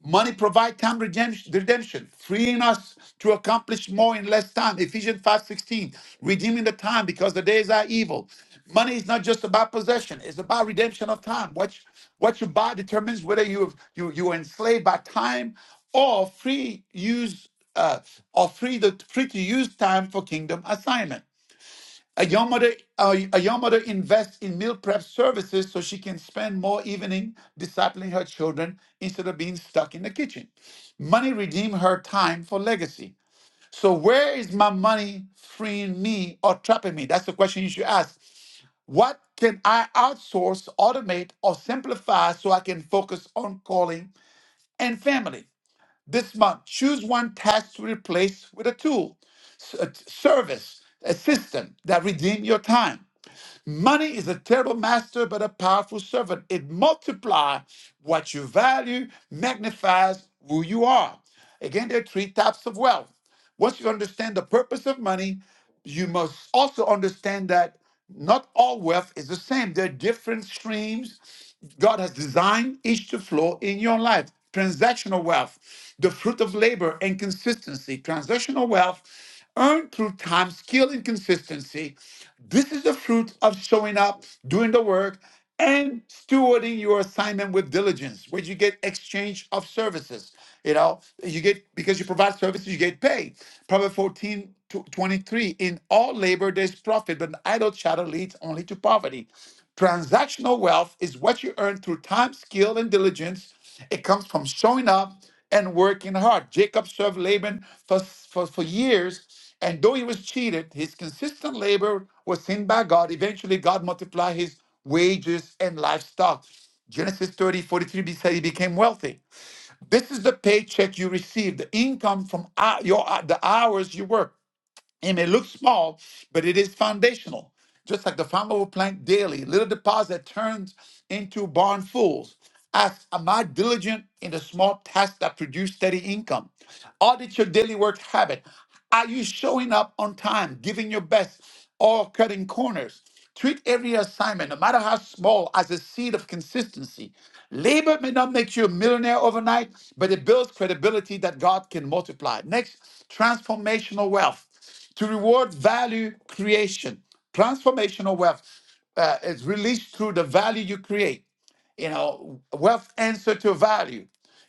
S1: Money provide time redemption, redemption, freeing us to accomplish more in less time. Ephesians 5:16, redeeming the time because the days are evil. Money is not just about possession, it's about redemption of time. What you, what you buy determines whether you you you are enslaved by time or free use uh, or free the free to use time for kingdom assignment. A young mother, a, a young mother invests in meal prep services so she can spend more evening discipling her children instead of being stuck in the kitchen. Money redeem her time for legacy. So where is my money freeing me or trapping me? That's the question you should ask. What can I outsource, automate, or simplify so I can focus on calling and family? This month, choose one task to replace with a tool, s- a t- service, a system that redeem your time. Money is a terrible master, but a powerful servant. It multiplies what you value, magnifies who you are. Again, there are three types of wealth. Once you understand the purpose of money, you must also understand that not all wealth is the same. There are different streams God has designed each to flow in your life. Transactional wealth, the fruit of labor and consistency. Transactional wealth Earned through time, skill, and consistency. This is the fruit of showing up, doing the work, and stewarding your assignment with diligence, where you get exchange of services. You know, you get because you provide services, you get paid. Proverbs 14 to 23 In all labor there's profit, but an idle chatter leads only to poverty. Transactional wealth is what you earn through time, skill, and diligence it comes from showing up and working hard. Jacob served Laban for, for, for years, and though he was cheated, his consistent labor was seen by God. Eventually, God multiplied his wages and livestock. Genesis thirty forty three. 43 be- said he became wealthy. This is the paycheck you receive, the income from hou- your uh, the hours you work. It may look small, but it is foundational. Just like the farmer will plant daily, little deposit turns into barnfuls. Ask, am I diligent in the small tasks that produce steady income? Audit your daily work habit. Are you showing up on time, giving your best, or cutting corners? Treat every assignment, no matter how small, as a seed of consistency. Labor may not make you a millionaire overnight, but it builds credibility that God can multiply. Next, transformational wealth to reward value creation. Transformational wealth uh, is released through the value you create. You know, wealth answer to value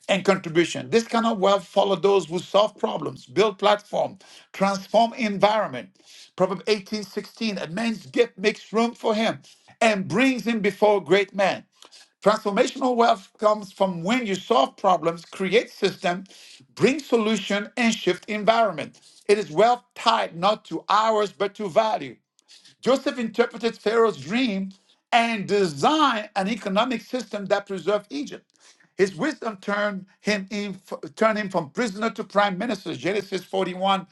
S1: and contribution. This kind of wealth follow those who solve problems, build platform, transform environment. Proverb 18:16, a man's gift makes room for him and brings him before a great men. Transformational wealth comes from when you solve problems, create systems, bring solution, and shift environment. It is wealth tied not to hours but to value. Joseph interpreted Pharaoh's dream and designed an economic system that preserved Egypt. His wisdom turned him, in, turned him from prisoner to prime minister, Genesis 41:39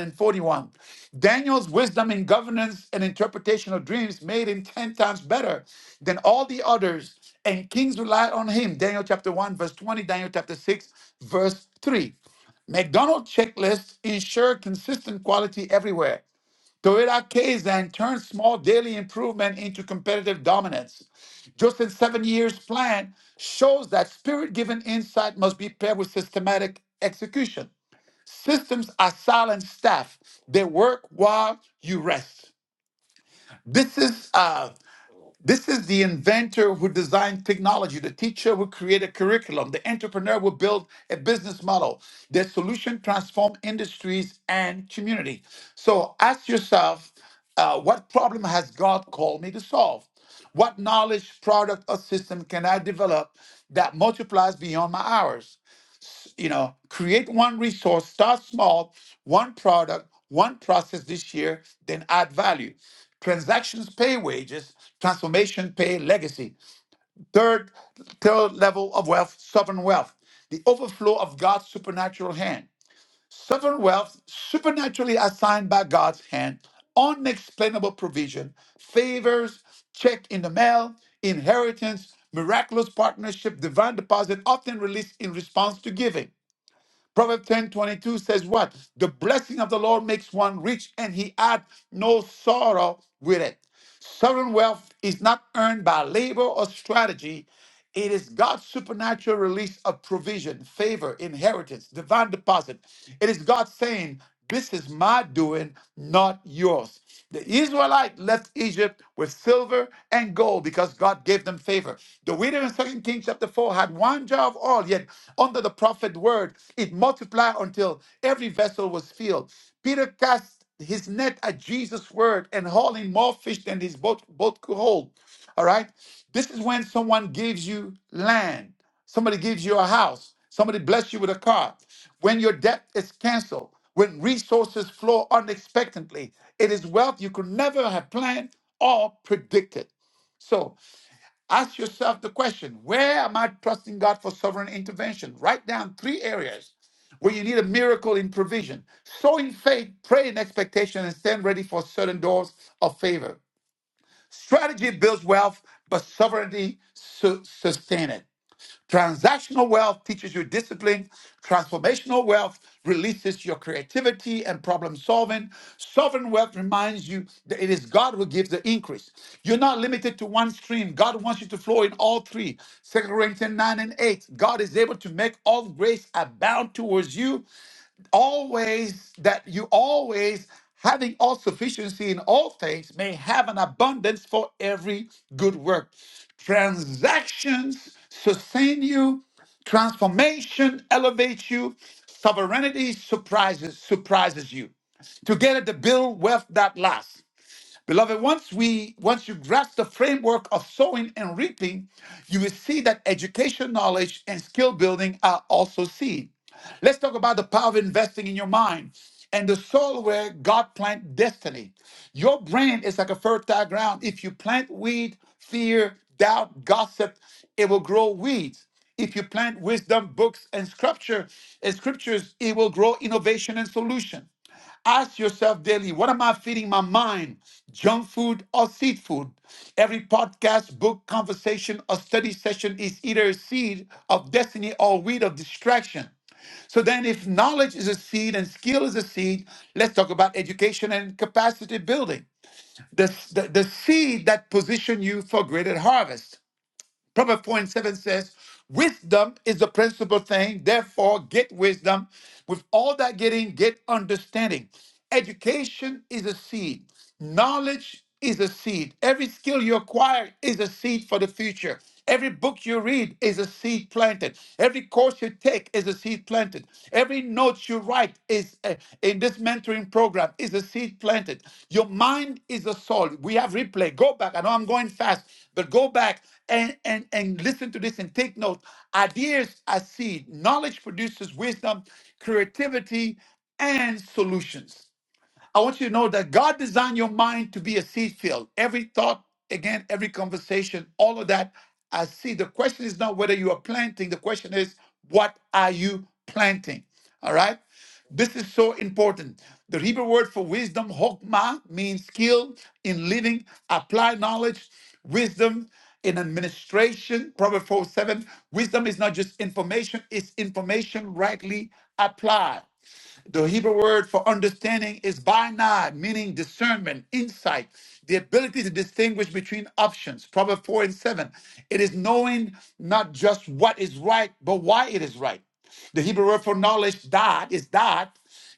S1: and 41. Daniel's wisdom in governance and interpretation of dreams made him 10 times better than all the others, and kings relied on him, Daniel chapter 1, verse 20, Daniel chapter 6, verse 3. McDonald's checklists ensure consistent quality everywhere. Toyota Kaizen turns small daily improvement into competitive dominance. Justin's seven years plan shows that spirit given insight must be paired with systematic execution. Systems are silent staff, they work while you rest. This is uh, this is the inventor who designed technology, the teacher who created curriculum, the entrepreneur who built a business model. Their solution transformed industries and community. So ask yourself, uh, what problem has God called me to solve? What knowledge, product, or system can I develop that multiplies beyond my hours? you know, create one resource, start small, one product, one process this year, then add value. Transactions pay wages, transformation pay legacy. Third, third level of wealth, sovereign wealth, the overflow of God's supernatural hand. Sovereign wealth, supernaturally assigned by God's hand, unexplainable provision, favors, check in the mail, inheritance, miraculous partnership, divine deposit, often released in response to giving. Proverbs ten twenty two says, What? The blessing of the Lord makes one rich, and he adds no sorrow with it. Sovereign wealth is not earned by labor or strategy. It is God's supernatural release of provision, favor, inheritance, divine deposit. It is God saying, This is my doing, not yours. The Israelite left Egypt with silver and gold because God gave them favor. The widow in Second Kings chapter 4 had one jar of oil, yet under the prophet word, it multiplied until every vessel was filled. Peter cast his net at Jesus' word and hauled in more fish than his boat, boat could hold. All right? This is when someone gives you land, somebody gives you a house, somebody bless you with a car. When your debt is canceled, when resources flow unexpectedly, it is wealth you could never have planned or predicted. So ask yourself the question where am I trusting God for sovereign intervention? Write down three areas where you need a miracle in provision. Sow in faith, pray in expectation, and stand ready for certain doors of favor. Strategy builds wealth, but sovereignty su- sustains it. Transactional wealth teaches you discipline. Transformational wealth releases your creativity and problem solving. Sovereign wealth reminds you that it is God who gives the increase. You're not limited to one stream. God wants you to flow in all three. Second Corinthians 9 and 8. God is able to make all grace abound towards you always that you always having all sufficiency in all things may have an abundance for every good work. Transactions sustain you, transformation elevates you, sovereignty surprises surprises you. Together to build wealth that lasts. Beloved, once we once you grasp the framework of sowing and reaping, you will see that education, knowledge, and skill building are also seed. Let's talk about the power of investing in your mind and the soil where God plant destiny. Your brain is like a fertile ground. If you plant weed, fear, doubt, gossip, it will grow weeds. If you plant wisdom, books, and scripture and scriptures, it will grow innovation and solution. Ask yourself daily, what am I feeding my mind? Junk food or seed food? Every podcast, book, conversation, or study session is either a seed of destiny or weed of distraction. So then, if knowledge is a seed and skill is a seed, let's talk about education and capacity building. The, the, the seed that position you for greater harvest. Proverbs 4 and 7 says, Wisdom is the principal thing. Therefore, get wisdom. With all that getting, get understanding. Education is a seed, knowledge is a seed. Every skill you acquire is a seed for the future. Every book you read is a seed planted. Every course you take is a seed planted. Every note you write is uh, in this mentoring program is a seed planted. Your mind is a soul. We have replay. Go back. I know I'm going fast, but go back and and and listen to this and take note. Ideas are seed. Knowledge produces wisdom, creativity, and solutions. I want you to know that God designed your mind to be a seed field. Every thought, again, every conversation, all of that, I see. The question is not whether you are planting, the question is, what are you planting? All right? This is so important. The Hebrew word for wisdom, hokmah, means skill in living, applied knowledge, wisdom in administration. Proverbs 4 7. Wisdom is not just information, it's information rightly applied. The Hebrew word for understanding is binah, meaning discernment, insight, the ability to distinguish between options. Proverbs 4 and 7. It is knowing not just what is right, but why it is right. The Hebrew word for knowledge, dad, is dad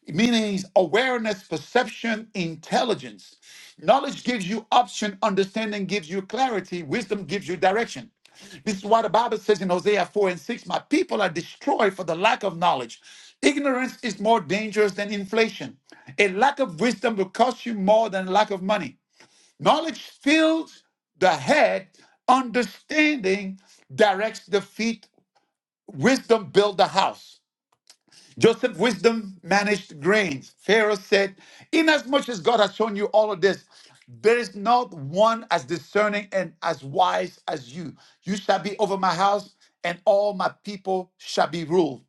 S1: meaning awareness, perception, intelligence. Knowledge gives you option, understanding gives you clarity, wisdom gives you direction. This is why the Bible says in Hosea 4 and 6, My people are destroyed for the lack of knowledge. Ignorance is more dangerous than inflation. A lack of wisdom will cost you more than a lack of money. Knowledge fills the head, understanding directs the feet, wisdom builds the house. Joseph's wisdom managed grains. Pharaoh said, Inasmuch as God has shown you all of this, there is not one as discerning and as wise as you. You shall be over my house, and all my people shall be ruled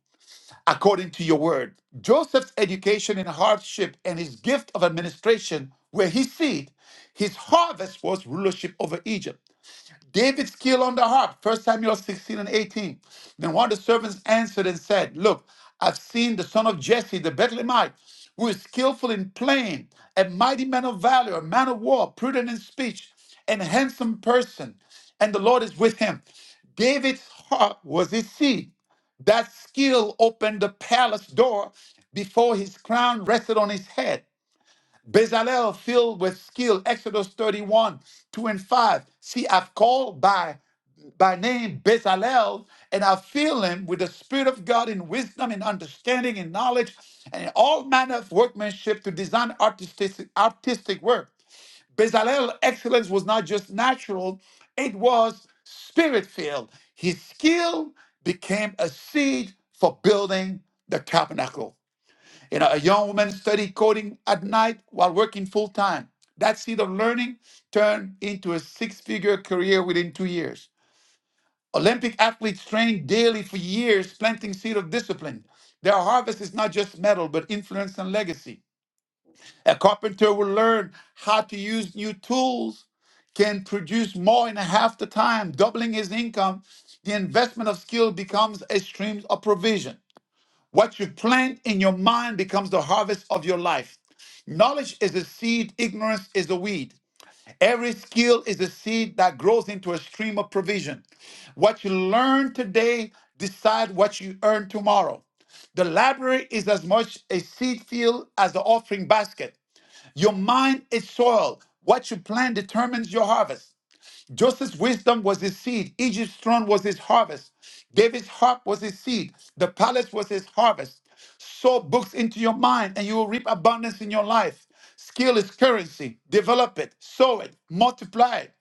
S1: according to your word. Joseph's education in hardship and his gift of administration were his seed. His harvest was rulership over Egypt. David's skill on the harp, 1 Samuel 16 and 18. Then one of the servants answered and said, Look, I've seen the son of Jesse, the Bethlehemite, who is skillful in playing, a mighty man of valor, a man of war, prudent in speech, and a handsome person, and the Lord is with him. David's heart was his seed. That skill opened the palace door before his crown rested on his head. Bezalel filled with skill, Exodus 31, 2 and 5. See, I've called by by name Bezalel, and I fill him with the Spirit of God in wisdom and understanding and knowledge and in all manner of workmanship to design artistic artistic work. Bezalel excellence was not just natural, it was spirit-filled. His skill became a seed for building the tabernacle. You know, a young woman studied coding at night while working full time. That seed of learning turned into a six figure career within two years. Olympic athletes train daily for years, planting seed of discipline. Their harvest is not just metal, but influence and legacy. A carpenter will learn how to use new tools, can produce more in half the time, doubling his income. The investment of skill becomes a stream of provision. What you plant in your mind becomes the harvest of your life. Knowledge is a seed, ignorance is a weed. Every skill is a seed that grows into a stream of provision. What you learn today decide what you earn tomorrow. The library is as much a seed field as the offering basket. Your mind is soil. What you plant determines your harvest. Joseph's wisdom was his seed. Egypt's throne was his harvest. David's harp was his seed. The palace was his harvest. Sow books into your mind and you will reap abundance in your life. Skill is currency. Develop it, sow it, multiply it.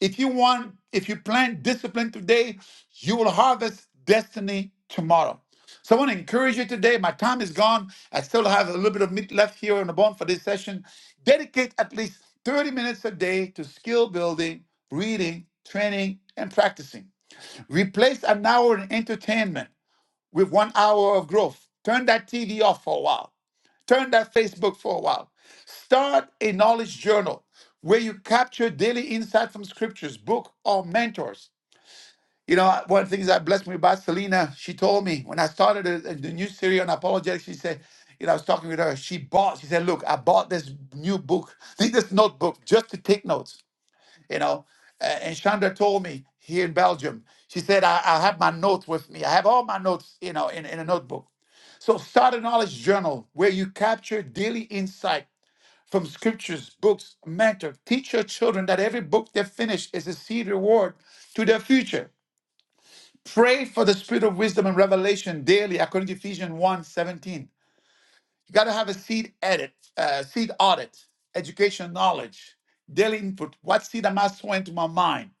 S1: If you want, if you plant discipline today, you will harvest destiny tomorrow. So I want to encourage you today. My time is gone. I still have a little bit of meat left here on the bone for this session. Dedicate at least 30 minutes a day to skill building, reading, training, and practicing. Replace an hour in entertainment with one hour of growth. Turn that TV off for a while. Turn that Facebook for a while. Start a knowledge journal where you capture daily insight from scriptures, book, or mentors. You know, one of the things that blessed me about Selena, she told me when I started the, the new series on apologetics, she said, you know, I was talking with her. She bought, she said, look, I bought this new book, think this notebook just to take notes, you know. A- and Chandra told me here in Belgium, she said, I, I have my notes with me. I have all my notes, you know, in, in a notebook. So start a knowledge journal where you capture daily insight from scriptures, books, mentor. Teach your children that every book they finish is a seed reward to their future. Pray for the spirit of wisdom and revelation daily, according to Ephesians one seventeen. You got to have a seed edit, uh, seed audit, education knowledge, daily input. What seed am I sowing into my mind?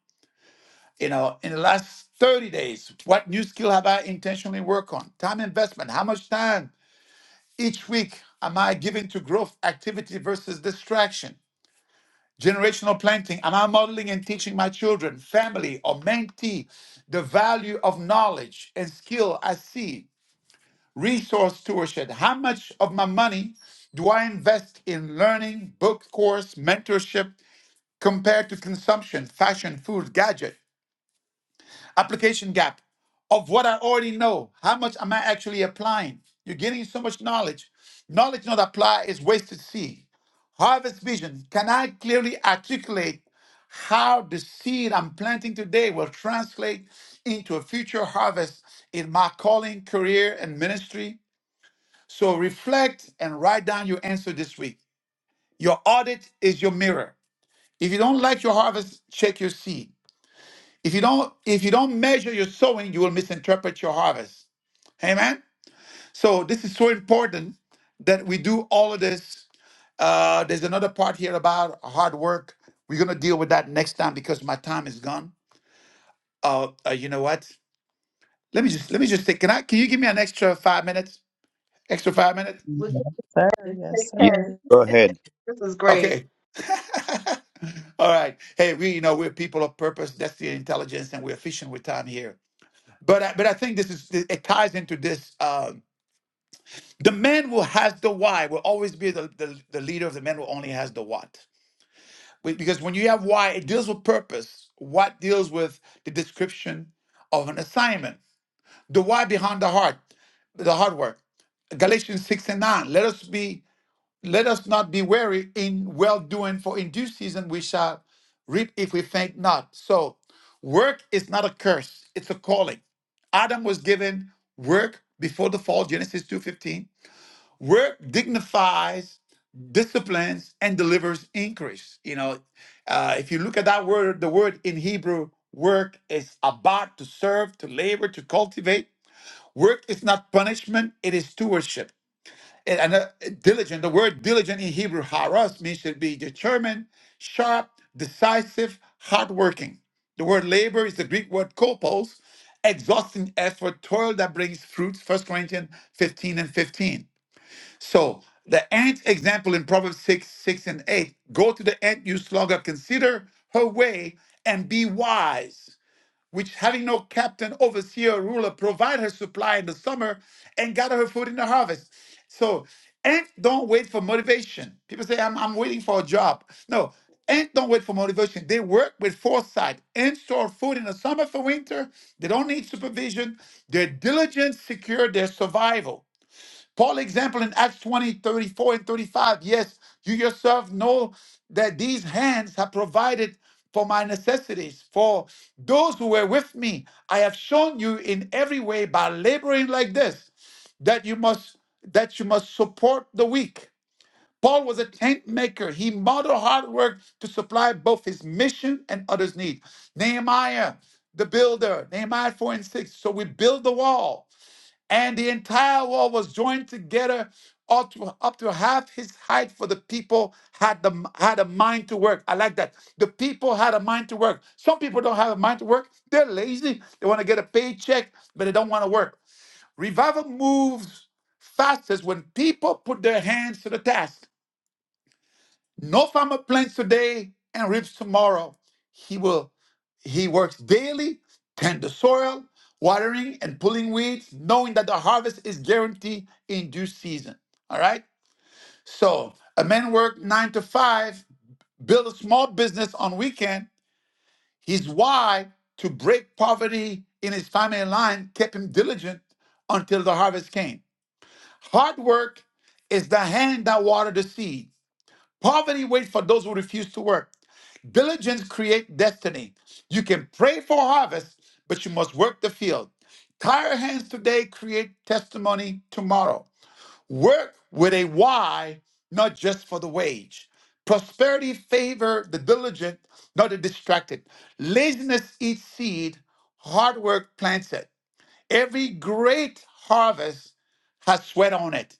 S1: You know, in the last 30 days, what new skill have I intentionally worked on? Time investment. How much time each week am I giving to growth activity versus distraction? Generational planting. Am I modeling and teaching my children, family, or mentee the value of knowledge and skill I see resource stewardship. How much of my money do I invest in learning, book course, mentorship compared to consumption, fashion, food, gadget? Application gap of what I already know. How much am I actually applying? You're getting so much knowledge. Knowledge not applied is wasted seed. Harvest vision. Can I clearly articulate how the seed I'm planting today will translate into a future harvest in my calling, career, and ministry? So reflect and write down your answer this week. Your audit is your mirror. If you don't like your harvest, check your seed. If you don't, if you don't measure your sowing, you will misinterpret your harvest. Amen. So this is so important that we do all of this. Uh, there's another part here about hard work. We're gonna deal with that next time because my time is gone. Uh, uh you know what? Let me just let me just take. Can I? Can you give me an extra five minutes? Extra five minutes?
S4: We're
S2: Yes, sir.
S4: good.
S2: Yes,
S4: Take
S5: Yes,
S4: care.
S2: sir.
S5: go ahead.
S4: This is
S1: Okay.
S4: great.
S1: All right. Hey, we you know we're people of purpose, destiny, and intelligence, and we're fishing with time here. But I, but I think this is it ties into this. Um, the man who has the why will always be the, the the leader of the man who only has the what. We- Because when you have why, it deals with purpose. What deals with the description of an assignment. The why behind the heart, the hard work. Galatians six and nine. Let us be let us not be weary in well doing, for in due season we shall reap if we faint not. So, work is not a curse; it's a calling. Adam was given work before the fall, Genesis two fifteen. Work dignifies, disciplines, and delivers increase. You know, uh, if you look at that word, the word in Hebrew, work is about to serve, to labor, to cultivate. Work is not punishment; it is stewardship and, and, uh, diligent. The word diligent in Hebrew, haras, means to be determined, sharp, decisive, hardworking. The word labor is the Greek word kopos, exhausting effort, toil that brings fruits, First Corinthians 15 and 15. So the ant example in Proverbs 6, 6 and 8, go to the ant, you sluggard, consider her way and be wise which having no captain, overseer, or ruler, provide her supply in the summer and gather her food in the harvest. So, and don't wait for motivation. People say, I'm, I'm waiting for a job. No, and don't wait for motivation. They work with foresight and store food in the summer for winter. They don't need supervision. Their diligence secure their survival. Paul example in Acts 20:34 and 35. Yes, you yourself know that these hands have provided for my necessities. For those who were with me, I have shown you in every way by laboring like this, that you must that you must support the weak. Paul was a tent maker. He modeled hard work to supply both his mission and others' need. Nehemiah, the builder, Nehemiah 4 and 6. So we build the wall and the entire wall was joined together up to, up to half his height for the people had the had a mind to work i like that the people had a mind to work some people don't have a mind to work they're lazy they want to get a paycheck but they don't want to work revival moves fastest when people put their hands to the task no farmer plants today and reaps tomorrow. He will he works daily, tend the soil, watering and pulling weeds, knowing that the harvest is guaranteed in due season. All right? So a man worked nine to five, build a small business on weekend. His why to break poverty in his family line kept him diligent until the harvest came. Hard work is the hand that water the seed. Poverty waits for those who refuse to work. Diligence creates destiny. You can pray for harvest, but you must work the field. Tired hands today create testimony tomorrow. Work with a why, not just for the wage. Prosperity favor the diligent, not the distracted. Laziness eats seed, hard work plants it. Every great harvest has sweat on it.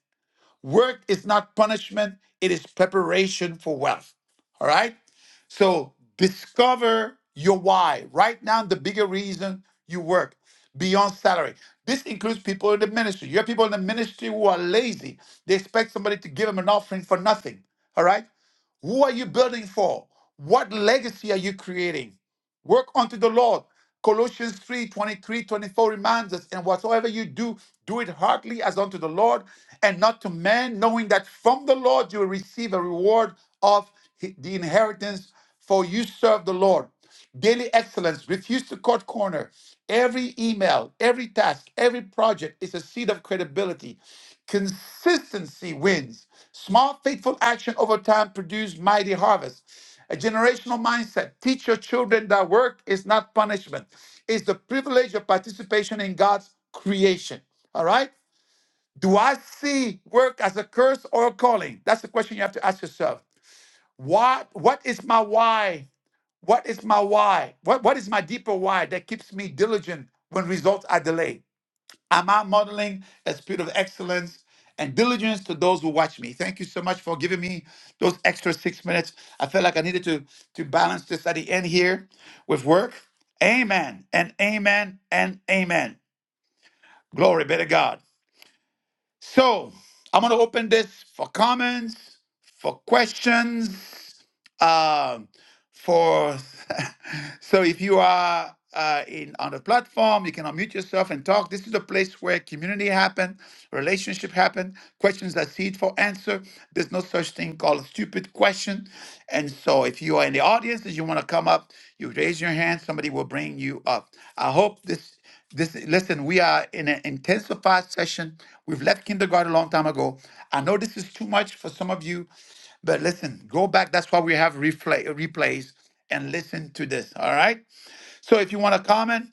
S1: Work is not punishment, it is preparation for wealth. All right? So discover your why. Write down the bigger reason you work beyond salary. This includes people in the ministry. You have people in the ministry who are lazy. They expect somebody to give them an offering for nothing. All right? Who are you building for? What legacy are you creating? Work unto the Lord. Colossians 3 23 24 reminds us, and whatsoever you do, do it heartily as unto the Lord and not to man, knowing that from the Lord you will receive a reward of the inheritance, for you serve the Lord. Daily excellence, refuse to cut corner. Every email, every task, every project is a seed of credibility. Consistency wins. Small, faithful action over time produces mighty harvest. A generational mindset. Teach your children that work is not punishment, it's the privilege of participation in God's creation. All right? Do I see work as a curse or a calling? That's the question you have to ask yourself. What, what is my why? What is my why? What, what is my deeper why that keeps me diligent when results are delayed? Am I modeling a spirit of excellence and diligence to those who watch me? Thank you so much for giving me those extra six minutes. I felt like I needed to to balance this at the end here with work. Amen and amen and amen. Glory be to God. So I'm gonna open this for comments, for questions um, for so if you are uh, in on the platform you can unmute yourself and talk this is a place where community happen relationship happen questions are seed for answer there's no such thing called a stupid question and so if you are in the audience and you want to come up you raise your hand somebody will bring you up i hope this this listen, we are in an intensified session. We've left kindergarten a long time ago. I know this is too much for some of you, but listen, go back. That's why we have replay replays and listen to this. All right. So if you want to comment,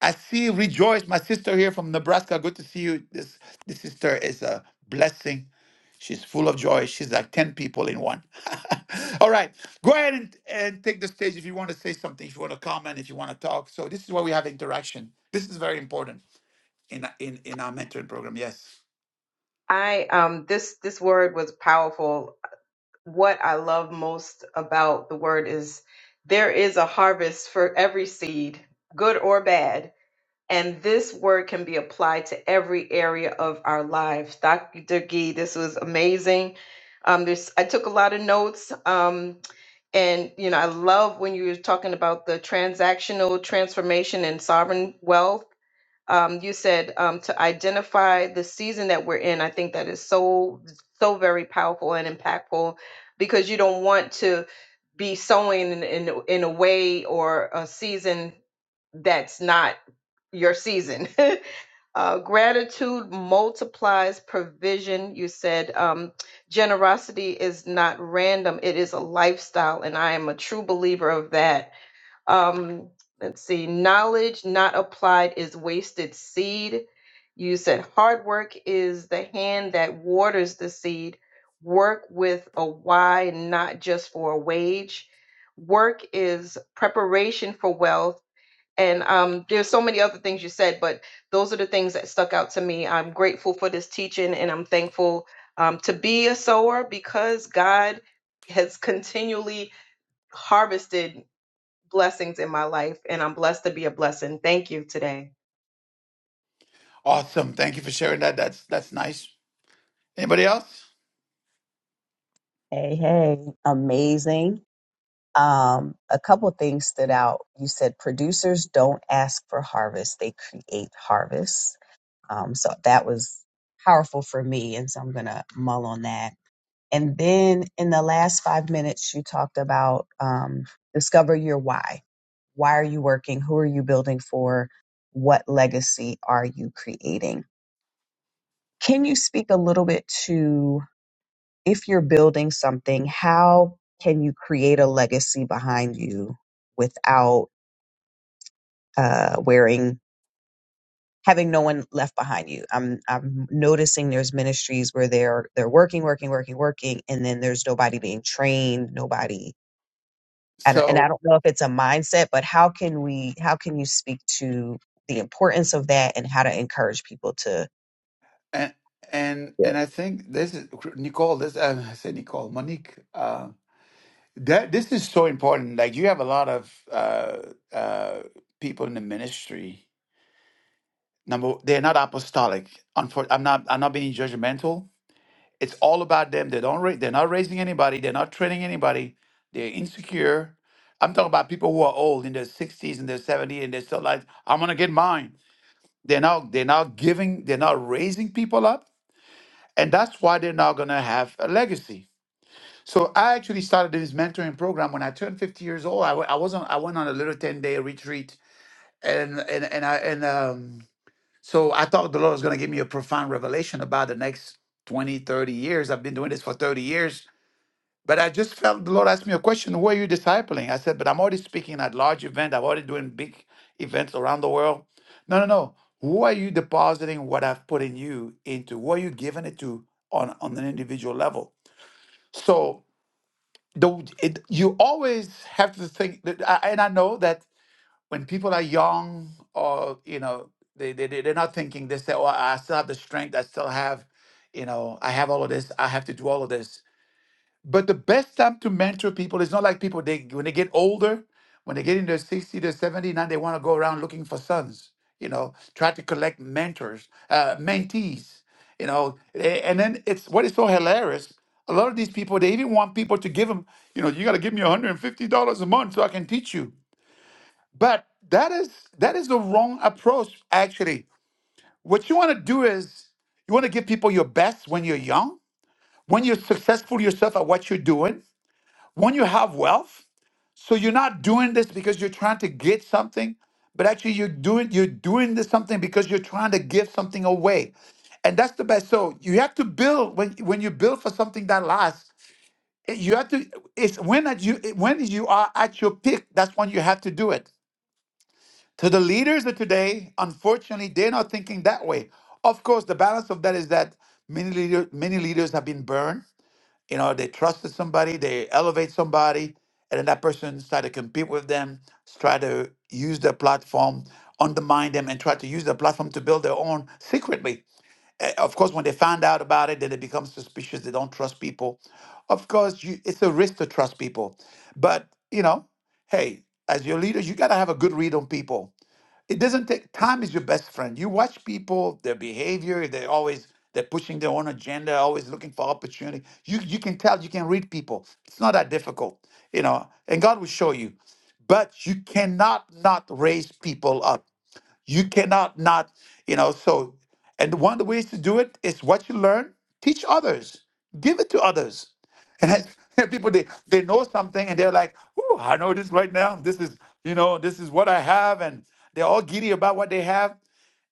S1: I see Rejoice, my sister here from Nebraska. Good to see you. This this sister is a blessing. She's full of joy. She's like 10 people in one. All right. Go ahead and, and take the stage if you want to say something, if you want to comment, if you want to talk. So this is where we have interaction. This is very important in in, in our mentoring program. Yes.
S4: I um this this word was powerful. What I love most about the word is there is a harvest for every seed, good or bad. And this word can be applied to every area of our lives. Dr. Gee, this was amazing. Um, there's, I took a lot of notes. Um, and, you know, I love when you were talking about the transactional transformation and sovereign wealth um, you said um, to identify the season that we're in. I think that is so, so very powerful and impactful because you don't want to be sowing in, in, in a way or a season that's not your season. uh, gratitude multiplies provision. You said um, generosity is not random, it is a lifestyle. And I am a true believer of that um, let's see. Knowledge not applied is wasted seed. You said hard work is the hand that waters the seed. Work with a why, not just for a wage. Work is preparation for wealth. And um, there's so many other things you said, but those are the things that stuck out to me. I'm grateful for this teaching and I'm thankful um, to be a sower because God has continually harvested blessings in my life, and I'm blessed to be a blessing. Thank you today.
S1: Awesome. Thank you for sharing that. That's that's nice. Anybody else?
S2: hey hey amazing Um, a couple things stood out. You said producers don't ask for harvest, they create harvest. Um, so that was powerful for me. And so I'm going to mull on that. And then in the last five minutes, you talked about um, discover your why. Why are you working? Who are you building for? What legacy are you creating? Can you speak a little bit to if you're building something, how can you create a legacy behind you without? uh, wearing having no one left behind you. I'm I'm noticing there's ministries where they're they're working, working, working, working, and then there's nobody being trained, nobody. I don't- And I
S1: So
S2: don't know if it's a mindset, but how can we? How can you speak to the importance of that and how to encourage people to?
S1: and and
S2: Yeah.
S1: and I think this is Nicole. This uh, I said Nicole Monique. Uh, that this is so important. Like you have a lot of uh, uh, people in the ministry. Number they're not apostolic. Unfor- I'm not. I'm not being judgmental. It's all about them. They don't. Ra- they're not raising anybody. They're not training anybody. They're insecure. I'm talking about people who are old in their 60s and their 70s, and they're still like, "I'm gonna get mine." They're not. They're not giving. They're not raising people up And that's why they're not going to have a legacy. So I actually started this mentoring program when I turned 50 years old. I, wa- I wasn't, I went on a little 10 day retreat and, and, and I, and, um, so I thought the Lord was going to give me a profound revelation about the next 20, 30 years. I've been doing this for 30 years but I just felt the Lord asked me a question, who are you discipling? I said, but I'm already speaking at large events. I'm already doing big events around the world. No, no, no. Who are you depositing what I've put in you into? Who are you giving it to on, on an individual level? So the, it, you always have to think, that, I- and I know that when people are young or, you know, they, they, they- they're not thinking, they say, oh, I still have the strength. I still have, you know, I have all of this. I have to do all of this but the best time to mentor people is not like people they when they get older, when they get in their 60, their 70, now they want to go around looking for sons, you know, try to collect mentors, uh, mentees, you know. a- And then it's what is so hilarious. A lot of these people, they even want people to give them, you know, you got to give me $150 a month so I can teach you. But that is that is the wrong approach, actually. What you want to do is you want to give people your best when you're young, when you're successful yourself at what you're doing when you have wealth so you're not doing this because you're trying to get something but actually you're doing you're doing this something because you're trying to give something away and that's the best so you have to build when when you build for something that lasts eh, you have to it's when at you eh, when you are at your peak that's when you have to do it to the leaders of today unfortunately they're not thinking that way of course the balance of that is that many leader, many leaders have been burned you know they trusted somebody they elevate somebody and then that person try to compete with them try to use their platform undermine them and try to use their platform to build their own secretly Eh, of course when they find out about it then they become suspicious they don't trust people of course you, it's a risk to trust people but you know hey as your leaders you got to have a good read on people it doesn't take time is your best friend you watch people their behavior they always they're pushing their own agenda always looking for opportunity you you can tell you can read people it's not that difficult you know and god will show you but you cannot not raise people up you cannot not, you know, so, and one of the ways to do it is what you learn, teach others, give it to others. And I- there are people, they, they know something and they're like, oh, I know this right now. This is, you know, this is what I have. And they're all giddy about what they have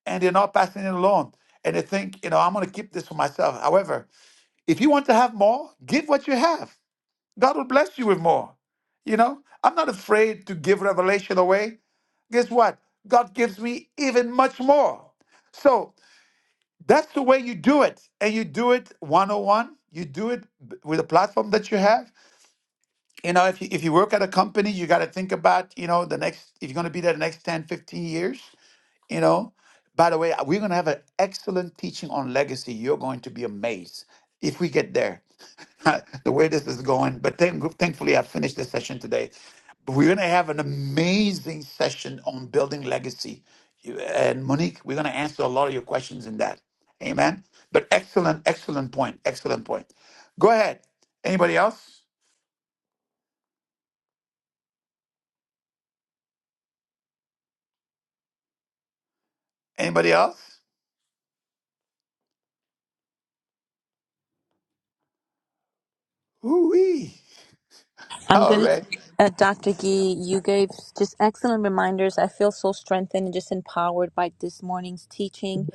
S1: and they're not passing it along. And they think, you know, I'm going to keep this for myself. However, if you want to have more, give what you have. God will bless you with more. You know, I'm not afraid to give revelation away guess what? God gives me even much more. So that's the way you do it. And you do it one on one. You do it b- with a platform that you have. You know, if you, if you work at a company, you got to think about, you know, the next, if you're going to be there the next 10, 15 years, you know, by the way, uh, we're going to have an excellent teaching on legacy. You're going to be amazed if we get there, the way this is going. But thank, thankfully, I finished the session today. But we're going to have an amazing session on building legacy. You- And Monique, we're going to answer a lot of your questions in that. Amen. But excellent, excellent point. Excellent point. Go ahead. Anybody else? Anybody else? Ooh-wee.
S7: I'm
S1: All
S7: going to,
S1: right.
S7: uh, Dr. Gee, you gave just excellent reminders. I feel so strengthened and just empowered by this morning's teaching.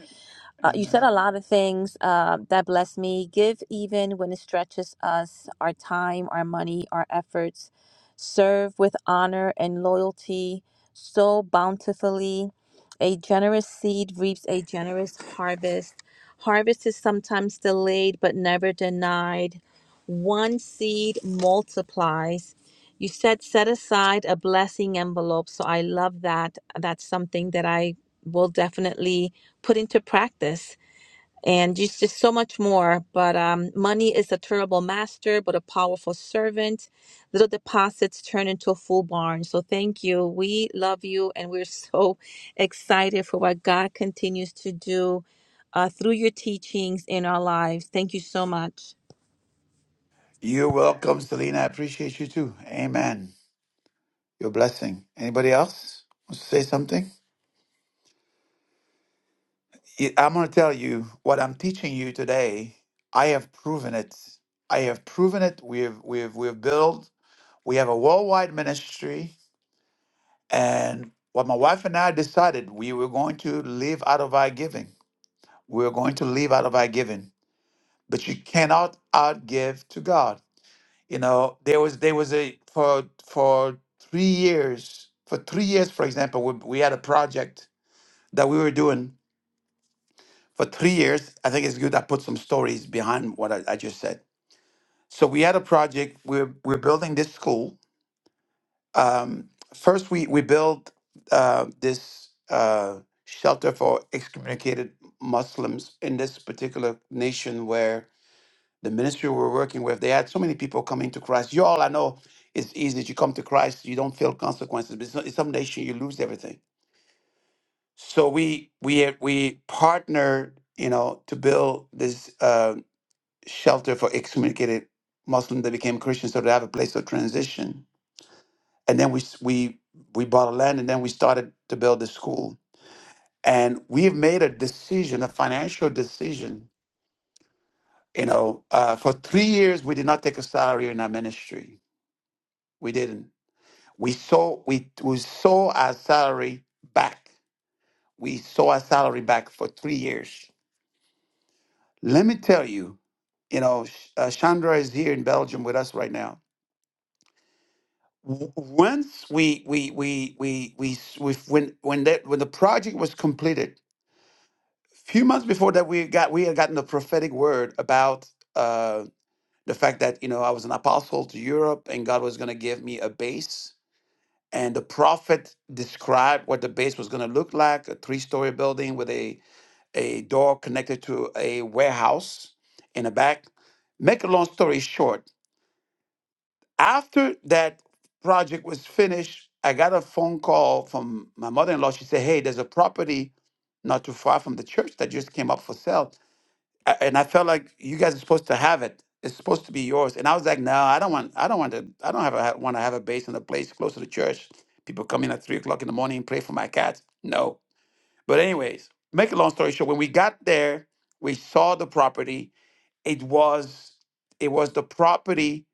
S7: Uh, you said
S1: Amen.
S7: a lot of things uh, that bless me. Give even when it stretches us our time, our money, our efforts. Serve with honor and loyalty so bountifully. A generous seed reaps a generous harvest. Harvest is sometimes delayed but never denied. One seed multiplies. You said set aside a blessing envelope. So I love that. That's something that I will definitely put into practice. And just, just so much more. But um, money is a terrible master, but a powerful servant. Little deposits turn into a full barn. So thank you. We love you. And we're so excited for what God continues to do uh, through your teachings in our lives. Thank you so much.
S1: You're welcome, Selena. I appreciate you too. Amen. Your blessing. Anybody else wants to say something? Y- I'm going to tell you what I'm teaching you today. I have proven it. I have proven it. We've we've we've built. We have a worldwide ministry, and what my wife and I decided, we were going to live out of our giving. We were going to live out of our giving. But you cannot outgive to God. You know, there was there was a for for three years. For three years, for example, we, we had a project that we were doing for three years. I think it's good I put some stories behind what I, I just said. So we had a project. We're we're building this school. Um, first, we we built uh, this uh, shelter for excommunicated Muslims in this particular nation where the ministry we're working with, they had so many people coming to Christ. You all, I know, it's easy. You come to Christ, you don't feel consequences. But in some some nation, you lose everything. So we we we partnered, you know, to build this uh, shelter for excommunicated Muslims that became Christians, so they have a place of transition. And then we s- we we bought a land, and then we started to build the school. And we've made a decision, a financial decision. You know, uh, for three years, we did not take a salary in our ministry. We didn't We saw we, we saw our salary back. We saw our salary back for three years. Let me tell you, you know, Sh- uh, Chandra is here in Belgium with us right now. W- Once we we we we we, s- we when when that when the project was completed, a few months before that, we got we had gotten the prophetic word about uh, the fact that you know I was an apostle to Europe and God was going to give me a base And the prophet described what the base was going to look like a three story building with a, a door connected to a warehouse in the back. Make a long story short, after that project was finished, I got a phone call from my mother in law. She said, Hey, there's a property not too far from the church that just came up for sale. I- and I felt like you guys are supposed to have it. It's supposed to be yours. And I was like, no, I don't want. I don't want to. I don't have. A, want to have a base in a place close to the church. People come in at three o'clock in the morning and pray for my cats. No. But anyways, make a long story short. When we got there, we saw the property. It was it was the property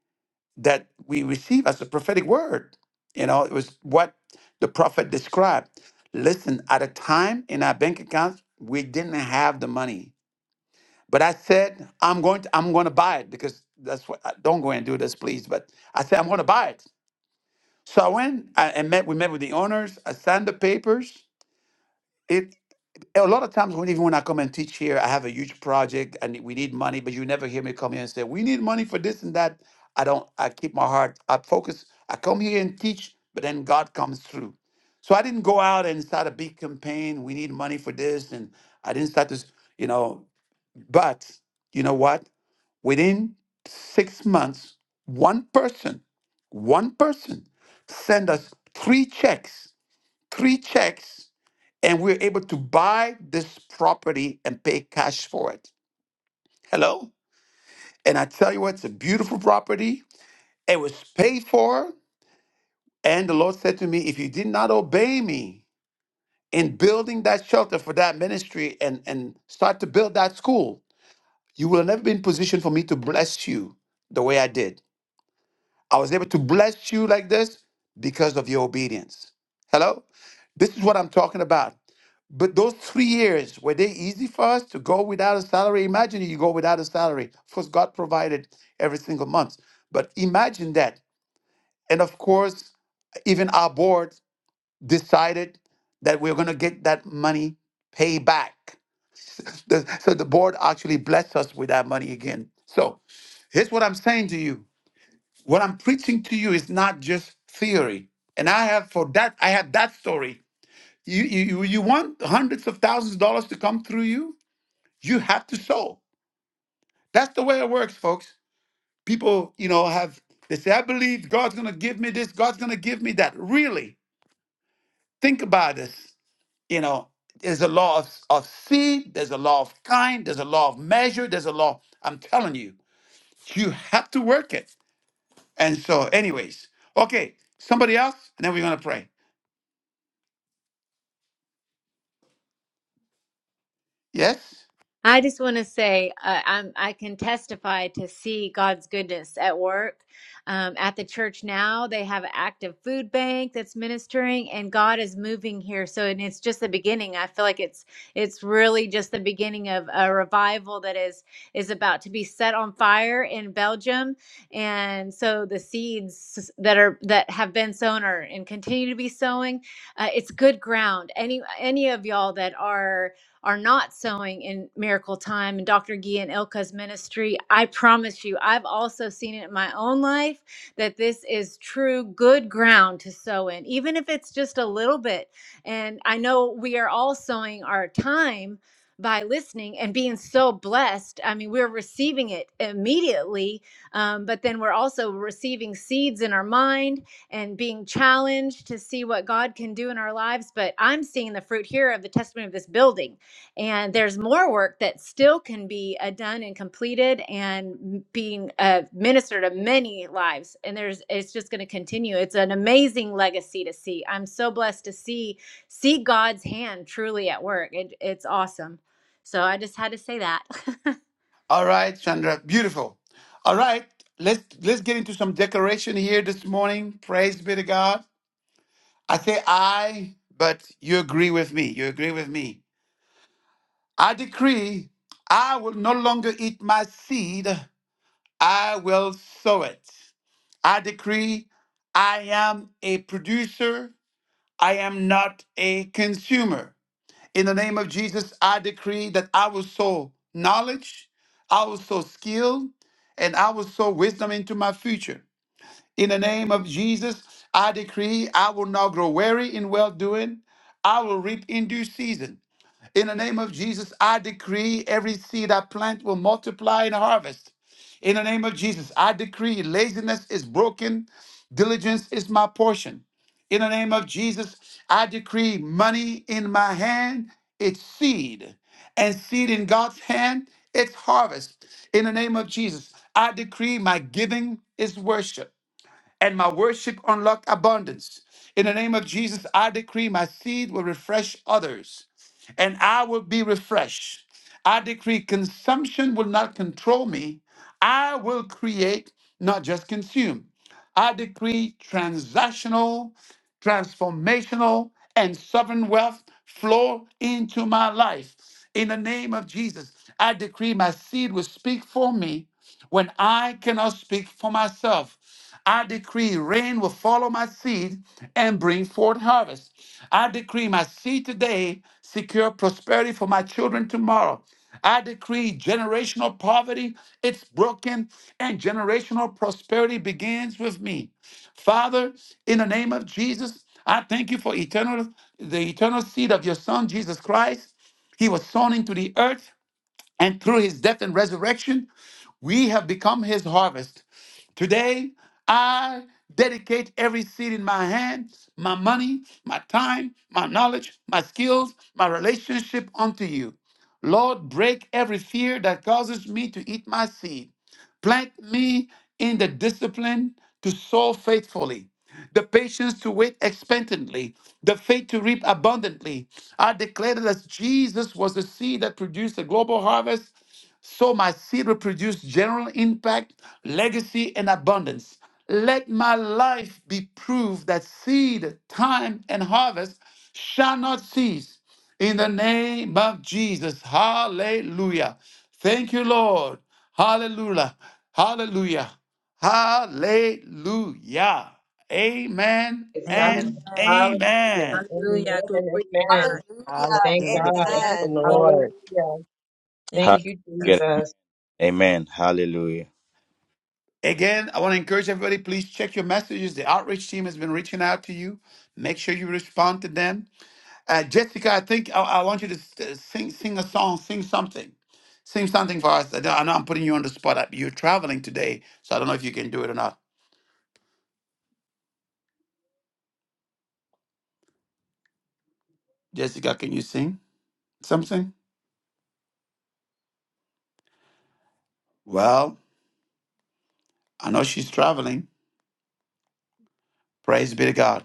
S1: that we received as a prophetic word. You know, it was what the prophet described. Listen, at a time in our bank accounts, we didn't have the money but I said, I'm going to, I'm going to buy it because that's what, I- don't go and do this, please. But I said, I'm going to buy it. So I went I, and met, we met with the owners. I signed the papers. It, a lot of times when, even when I come and teach here, I have a huge project and we need money, but you never hear me come here and say, we need money for this and that. I don't, I keep my heart, I focus, I come here and teach, but then God comes through. So I didn't go out and start a big campaign. We need money for this. And I didn't start this, you know, but you know what? within six months, one person, one person sent us three checks, three checks, and we were able to buy this property and pay cash for it. Hello? And I tell you what, it's a beautiful property. It was paid for. And the Lord said to me, if you did not obey me in building that shelter for that ministry and, and start to build that school, you will never be in position for me to bless you the way I did. I was able to bless you like this because of your obedience. Hello? This is what I'm talking about. But those three years, were they easy for us to go without a salary? Imagine you go without a salary. Of course, God provided every single month. But imagine that. And of course, even our board decided that we are going to get that money paid back. The- so the board actually blessed us with that money again. So here's what I'm saying to you what I'm preaching to you is not just theory. And I have for that, I have that story. You, you, you want hundreds of thousands of dollars to come through you? You have to sow. That's the way it works, folks. People, you know, have, they say, I believe God's going to give me this, God's going to give me that. Really, think about this. You know, there's a law of, of seed, there's a law of kind, there's a law of measure, there's a law. I'm telling you, you have to work it. And so, anyways, okay, somebody else, and then we're going to pray. Yes.
S13: I just want to say uh, I'm, I can testify to see God's goodness at work. Um, at the church now, they have an active food bank that's ministering, and God is moving here. So, and it's just the beginning. I feel like it's it's really just the beginning of a revival that is is about to be set on fire in Belgium. And so, the seeds that are that have been sown are and continue to be sowing. Uh, it's good ground. Any any of y'all that are are not sowing in miracle time and Dr. Gee and Ilka's ministry, I promise you, I've also seen it in my own life that this is true good ground to sow in, even if it's just a little bit. And I know we are all sowing our time by listening and being so blessed. I mean, we're receiving it immediately, um, but then we're also receiving seeds in our mind and being challenged to see what God can do in our lives. But I'm seeing the fruit here of the testimony of this building and there's more work that still can be uh, done and completed and being uh, ministered to many lives and there's it's just going to continue it's an amazing legacy to see i'm so blessed to see see god's hand truly at work it, it's awesome so i just had to say that
S1: All right, Chandra. Beautiful. All right. Let's let's get into some decoration here this morning. Praise be to God. I say I, but you agree with me. You agree with me. I decree I will no longer eat my seed. I will sow it. I decree I am a producer. I am not a consumer. In the name of Jesus, I decree that I will sow knowledge, I will sow skill, and I will sow wisdom into my future. In the name of Jesus, I decree I will not grow weary in well doing. I will reap in due season. In the name of Jesus, I decree every seed I plant will multiply and harvest. In the name of Jesus, I decree laziness is broken, diligence is my portion. In the name of Jesus, I decree money in my hand, it's seed, and seed in God's hand, it's harvest. In the name of Jesus, I decree my giving is worship and my worship unlock abundance. In the name of Jesus, I decree my seed will refresh others and I will be refreshed. I decree consumption will not control me. I will create, not just consume. I decree transactional transformational and sovereign wealth flow into my life. In the name of Jesus, I decree my seed will speak for me when I cannot speak for myself. I decree rain will follow my seed and bring forth harvest. I decree my seed today secure prosperity for my children tomorrow. I decree generational poverty, it's broken, and generational prosperity begins with me. Father, in the name of Jesus, I thank you for eternal the eternal seed of your son Jesus Christ. He was sown into the earth and through his death and resurrection, we have become his harvest. Today, I dedicate every seed in my hand, my money, my time, my knowledge, my skills, my relationship unto you. Lord, break every fear that causes me to eat my seed. Plant me in the discipline to sow faithfully, the patience to wait expectantly, the faith to reap abundantly. I declare that as Jesus was the seed that produced a global harvest, so my seed will produce general impact, legacy, and abundance. Let my life be proof that seed, time, and harvest shall not cease in the name of Jesus. Hallelujah. Thank you, Lord. Hallelujah. Hallelujah. Hallelujah. Amen
S4: Praise God.
S7: Amen.
S1: and
S7: Amen.
S4: Hallelujah.
S1: amen.
S4: Amen
S7: Hallelujah. Glory
S4: and
S7: to
S4: amen.
S7: God.
S12: Hallelujah.
S4: Thank
S2: Hallelujah.
S4: God.
S2: Bless the
S7: Yes,
S12: Amen.
S2: Lord.
S4: Hallelujah.
S7: Thank you,
S4: Thank you,
S5: Hallelujah.
S7: Jesus.
S4: Jesus.
S5: Amen. Hallelujah.
S1: Again, I want to encourage everybody, please check your messages. The outreach team has been reaching out to you. Make sure you respond to them. Uh, Jessica, I think I, I want you to s- uh, sing, sing a song, sing something. Sing something for us. I know I know I'm putting you on the spot. You're traveling today, so I don't know if you can do it or not. Jessica, can you sing something? Well, I know she's traveling. Praise be to God.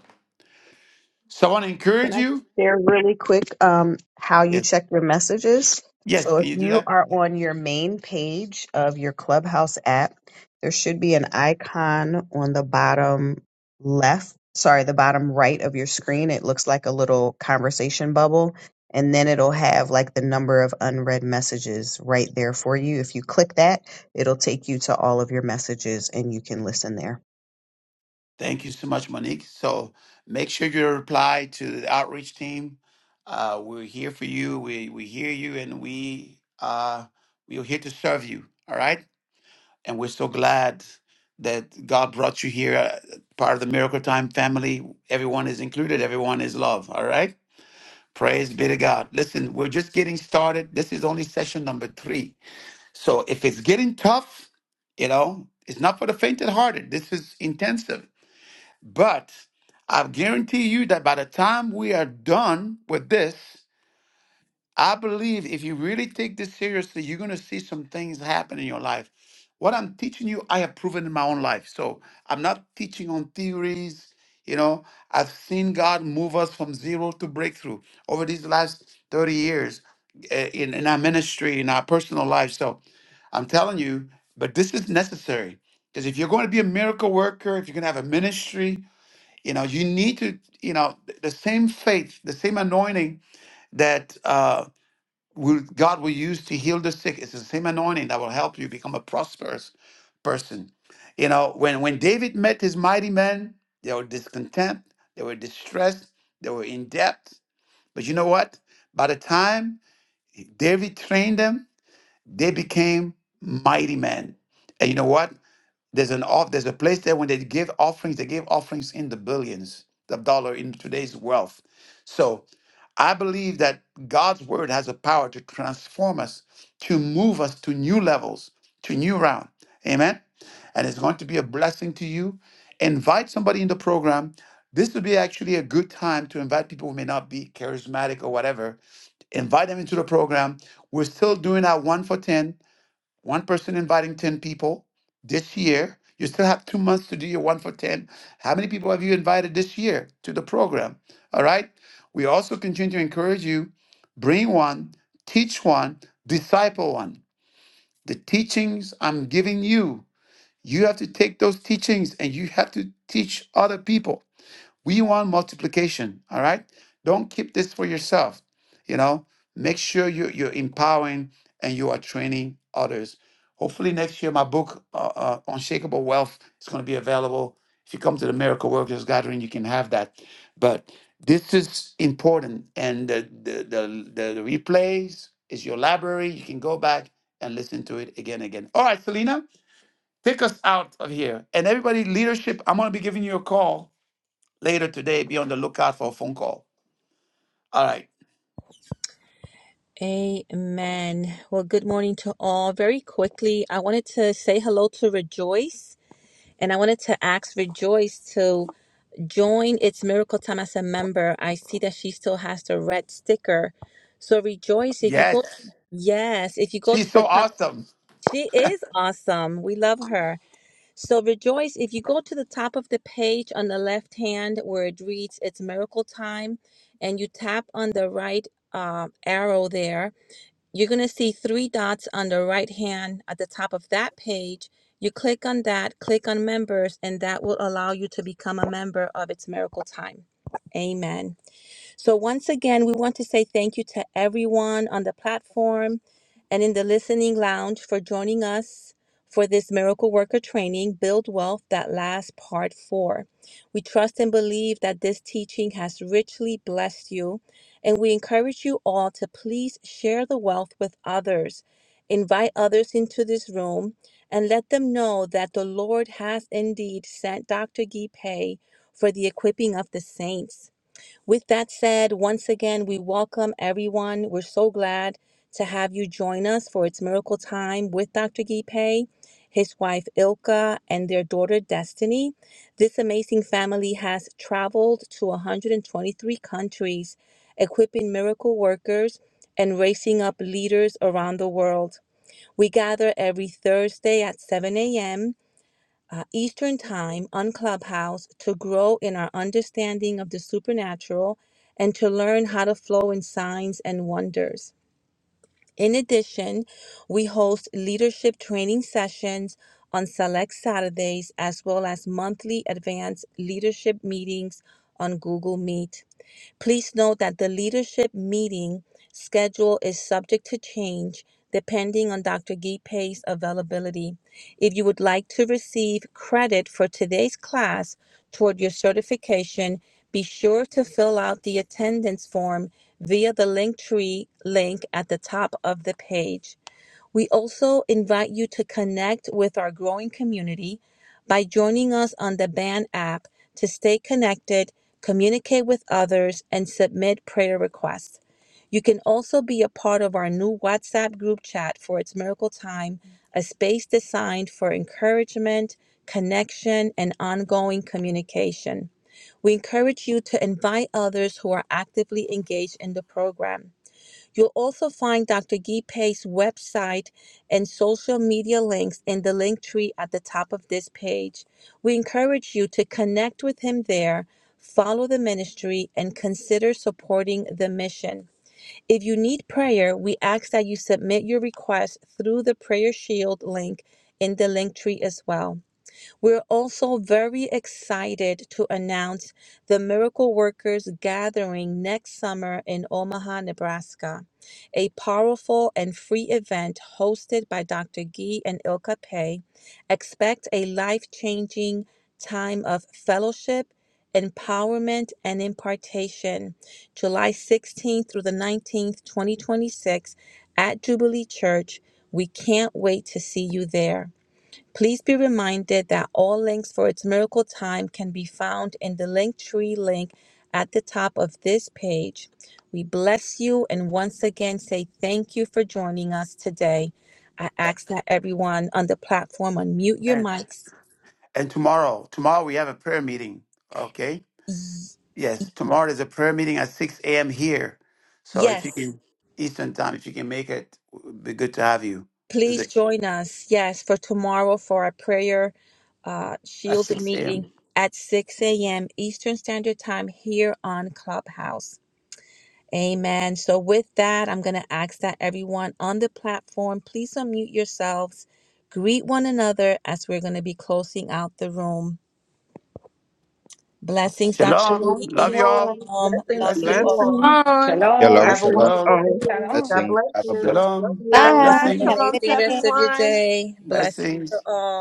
S1: So I want to
S2: Can
S1: encourage
S2: I just
S1: you.
S2: share really quick um, how you
S1: Yes.
S2: check your messages?
S1: Yes,
S2: So
S1: can
S2: if
S1: you do
S2: you
S1: that?
S2: are on your main page of your Clubhouse app, there should be an icon on the bottom left, sorry, the bottom right of your screen. It looks like a little conversation bubble. And then it'll have like the number of unread messages right there for you. If you click that, it'll take you to all of your messages and you can listen there.
S1: Thank you so much, Monique. So make sure you reply to the outreach team. Uh, we're here for you. We we hear you and we uh we are here to serve you. All right. And we're so glad that God brought you here, uh, part of the Miracle Time family. Everyone is included, everyone is loved. All right. Praise be to God. Listen, we're just getting started. This is only session number three. So if it's getting tough, you know, it's not for the fainted hearted. This is intensive. But I guarantee you that by the time we are done with this, I believe if you really take this seriously, you're going to see some things happen in your life. What I'm teaching you, I have proven in my own life. So I'm not teaching on theories. You know, I've seen God move us from zero to breakthrough over these last 30 years uh, in, in our ministry, in our personal life. So I'm telling you, but this is necessary because if you're going to be a miracle worker, if you're going to have a ministry, you know, you need to, you know, th- the same faith, the same anointing that. uh, will, God will use to heal the sick. It's the same anointing that will help you become a prosperous person. You know, when, when David met his mighty men, they were discontent, they were distressed, they were in debt. But you know what? By the time David trained them, they became mighty men. And you know what? There's an off, there's a place there when they give offerings, they gave offerings in the billions of dollar in today's wealth. So I believe that God's word has a power to transform us, to move us to new levels, to new round. Amen. And it's going to be a blessing to you. Invite somebody in the program. This would be actually a good time to invite people who may not be charismatic or whatever. Invite them into the program. We're still doing our one for 10 one person inviting 10 people this year. You still have two months to do your one for 10. How many people have you invited this year to the program? All right. We also continue to encourage you bring one, teach one, disciple one. The teachings I'm giving you, you have to take those teachings and you have to teach other people. We want multiplication, all right? Don't keep this for yourself. You know, make sure you, you're empowering and you are training others. Hopefully, next year, my book, uh, uh, Unshakable Wealth, is going to be available. If you come to the Miracle Workers Gathering, you can have that. But this is important. And the, the, the, the replays is your library. You can go back and listen to it again and again. All right, Selena, take us out of here. And everybody, leadership, I'm going to be giving you a call later today. Be on the lookout for a phone call. All right.
S7: Amen. Well, good morning to all. Very quickly, I wanted to say hello to Rejoice, and I wanted to ask Rejoice to join its Miracle Time as a member. I see that she still has the red sticker. So, Rejoice, if you go,
S1: Yes.
S7: yes, if you go
S1: She's
S7: to the
S1: so
S7: top,
S1: awesome.
S7: she is awesome. We love her. So, Rejoice, if you go to the top of the page on the left hand where it reads It's Miracle Time, and you tap on the right uh, arrow there You're going to see three dots on the right hand at the top of that page. You click on that, click on members, and that will allow you to become a member of It's Miracle Time. Amen. So, once again, we want to say thank you to everyone on the platform and in the listening lounge for joining us for this miracle worker training, Build Wealth, that last part four. We trust and believe that this teaching has richly blessed you, and we encourage you all to please share the wealth with others. Invite others into this room and let them know that the Lord has indeed sent Dr. Gee Pei for the equipping of the saints. With that said, once again, we welcome everyone. We're so glad to have you join us for It's Miracle Time with Dr. Gipe, his wife Ilka, and their daughter Destiny. This amazing family has traveled to 123 countries, equipping miracle workers and raising up leaders around the world. We gather every Thursday at 7 a.m uh, Eastern Time on Clubhouse to grow in our understanding of the supernatural and to learn how to flow in signs and wonders. In addition, we host leadership training sessions on select Saturdays as well as monthly advanced leadership meetings on Google Meet. Please note that the leadership meeting schedule is subject to change depending on Dr. Gipe's availability. If you would like to receive credit for today's class toward your certification, be sure to fill out the attendance form via the Linktree link at the top of the page. We also invite you to connect with our growing community by joining us on the Band app to stay connected, communicate with others, and submit prayer requests. You can also be a part of our new WhatsApp group chat for It's Miracle Time, a space designed for encouragement, connection, and ongoing communication. We encourage you to invite others who are actively engaged in the program. You'll also find Dr. Gipe's website and social media links in the link tree at the top of this page. We encourage you to connect with him there, follow the ministry, and consider supporting the mission. If you need prayer, we ask that you submit your request through the Prayer Shield link in the link tree as well. We're also very excited to announce the Miracle Workers Gathering next summer in Omaha, Nebraska, a powerful and free event hosted by Dr. Gee and Ilka Pei. Expect a life changing time of fellowship, empowerment, and impartation. July 16th through the 19th, 2026, at Jubilee Church. We can't wait to see you there. Please be reminded that all links for its miracle time can be found in the Linktree link at the top of this page. We bless you and once again say thank you for joining us today. I ask that everyone on the platform unmute your
S1: And
S7: mics.
S1: and tomorrow, tomorrow we have a prayer meeting. Okay. Yes. Tomorrow is a prayer meeting at six a.m. here. So if you
S7: Yes,
S1: can Eastern time, if you can make it, it would be good to have you. There's
S7: please
S1: a
S7: join us. Yes, for tomorrow for our prayer uh,
S1: at
S7: shield
S1: six a.m.
S7: meeting at 6 a.m. Eastern Standard Time here on Clubhouse. Amen. So, with that, I'm going to ask that everyone on the platform, please unmute yourselves, greet one another as we're going to be closing out the room. Blessings, Dr.
S1: Shalom.
S4: Shalom,
S1: Love
S7: Judy.
S1: y'all.
S4: shalom.
S7: Shalom.
S4: Blessings
S7: Love
S4: to
S7: you
S4: you
S1: Blessings.
S4: all.
S7: all.
S8: Blessings,
S3: on.
S9: Shalom,
S5: Shalom,
S4: Have a
S8: blessings
S5: shalom.
S4: wonderful
S1: Shalom.
S8: all.
S9: shalom,
S4: day.
S9: shalom.
S4: God
S5: Blessings.
S4: bless
S5: Have a blessed
S4: you. Love
S1: Shalom.
S12: God
S13: Bye.
S4: you.
S9: Blessings.
S13: Have
S7: An
S12: bless.
S13: a
S1: Blessings.
S12: Shalom
S13: good
S12: to
S7: amazing
S13: day.
S7: rest of your
S12: everyone.
S7: day. Blessings
S1: Blessings.
S7: to all.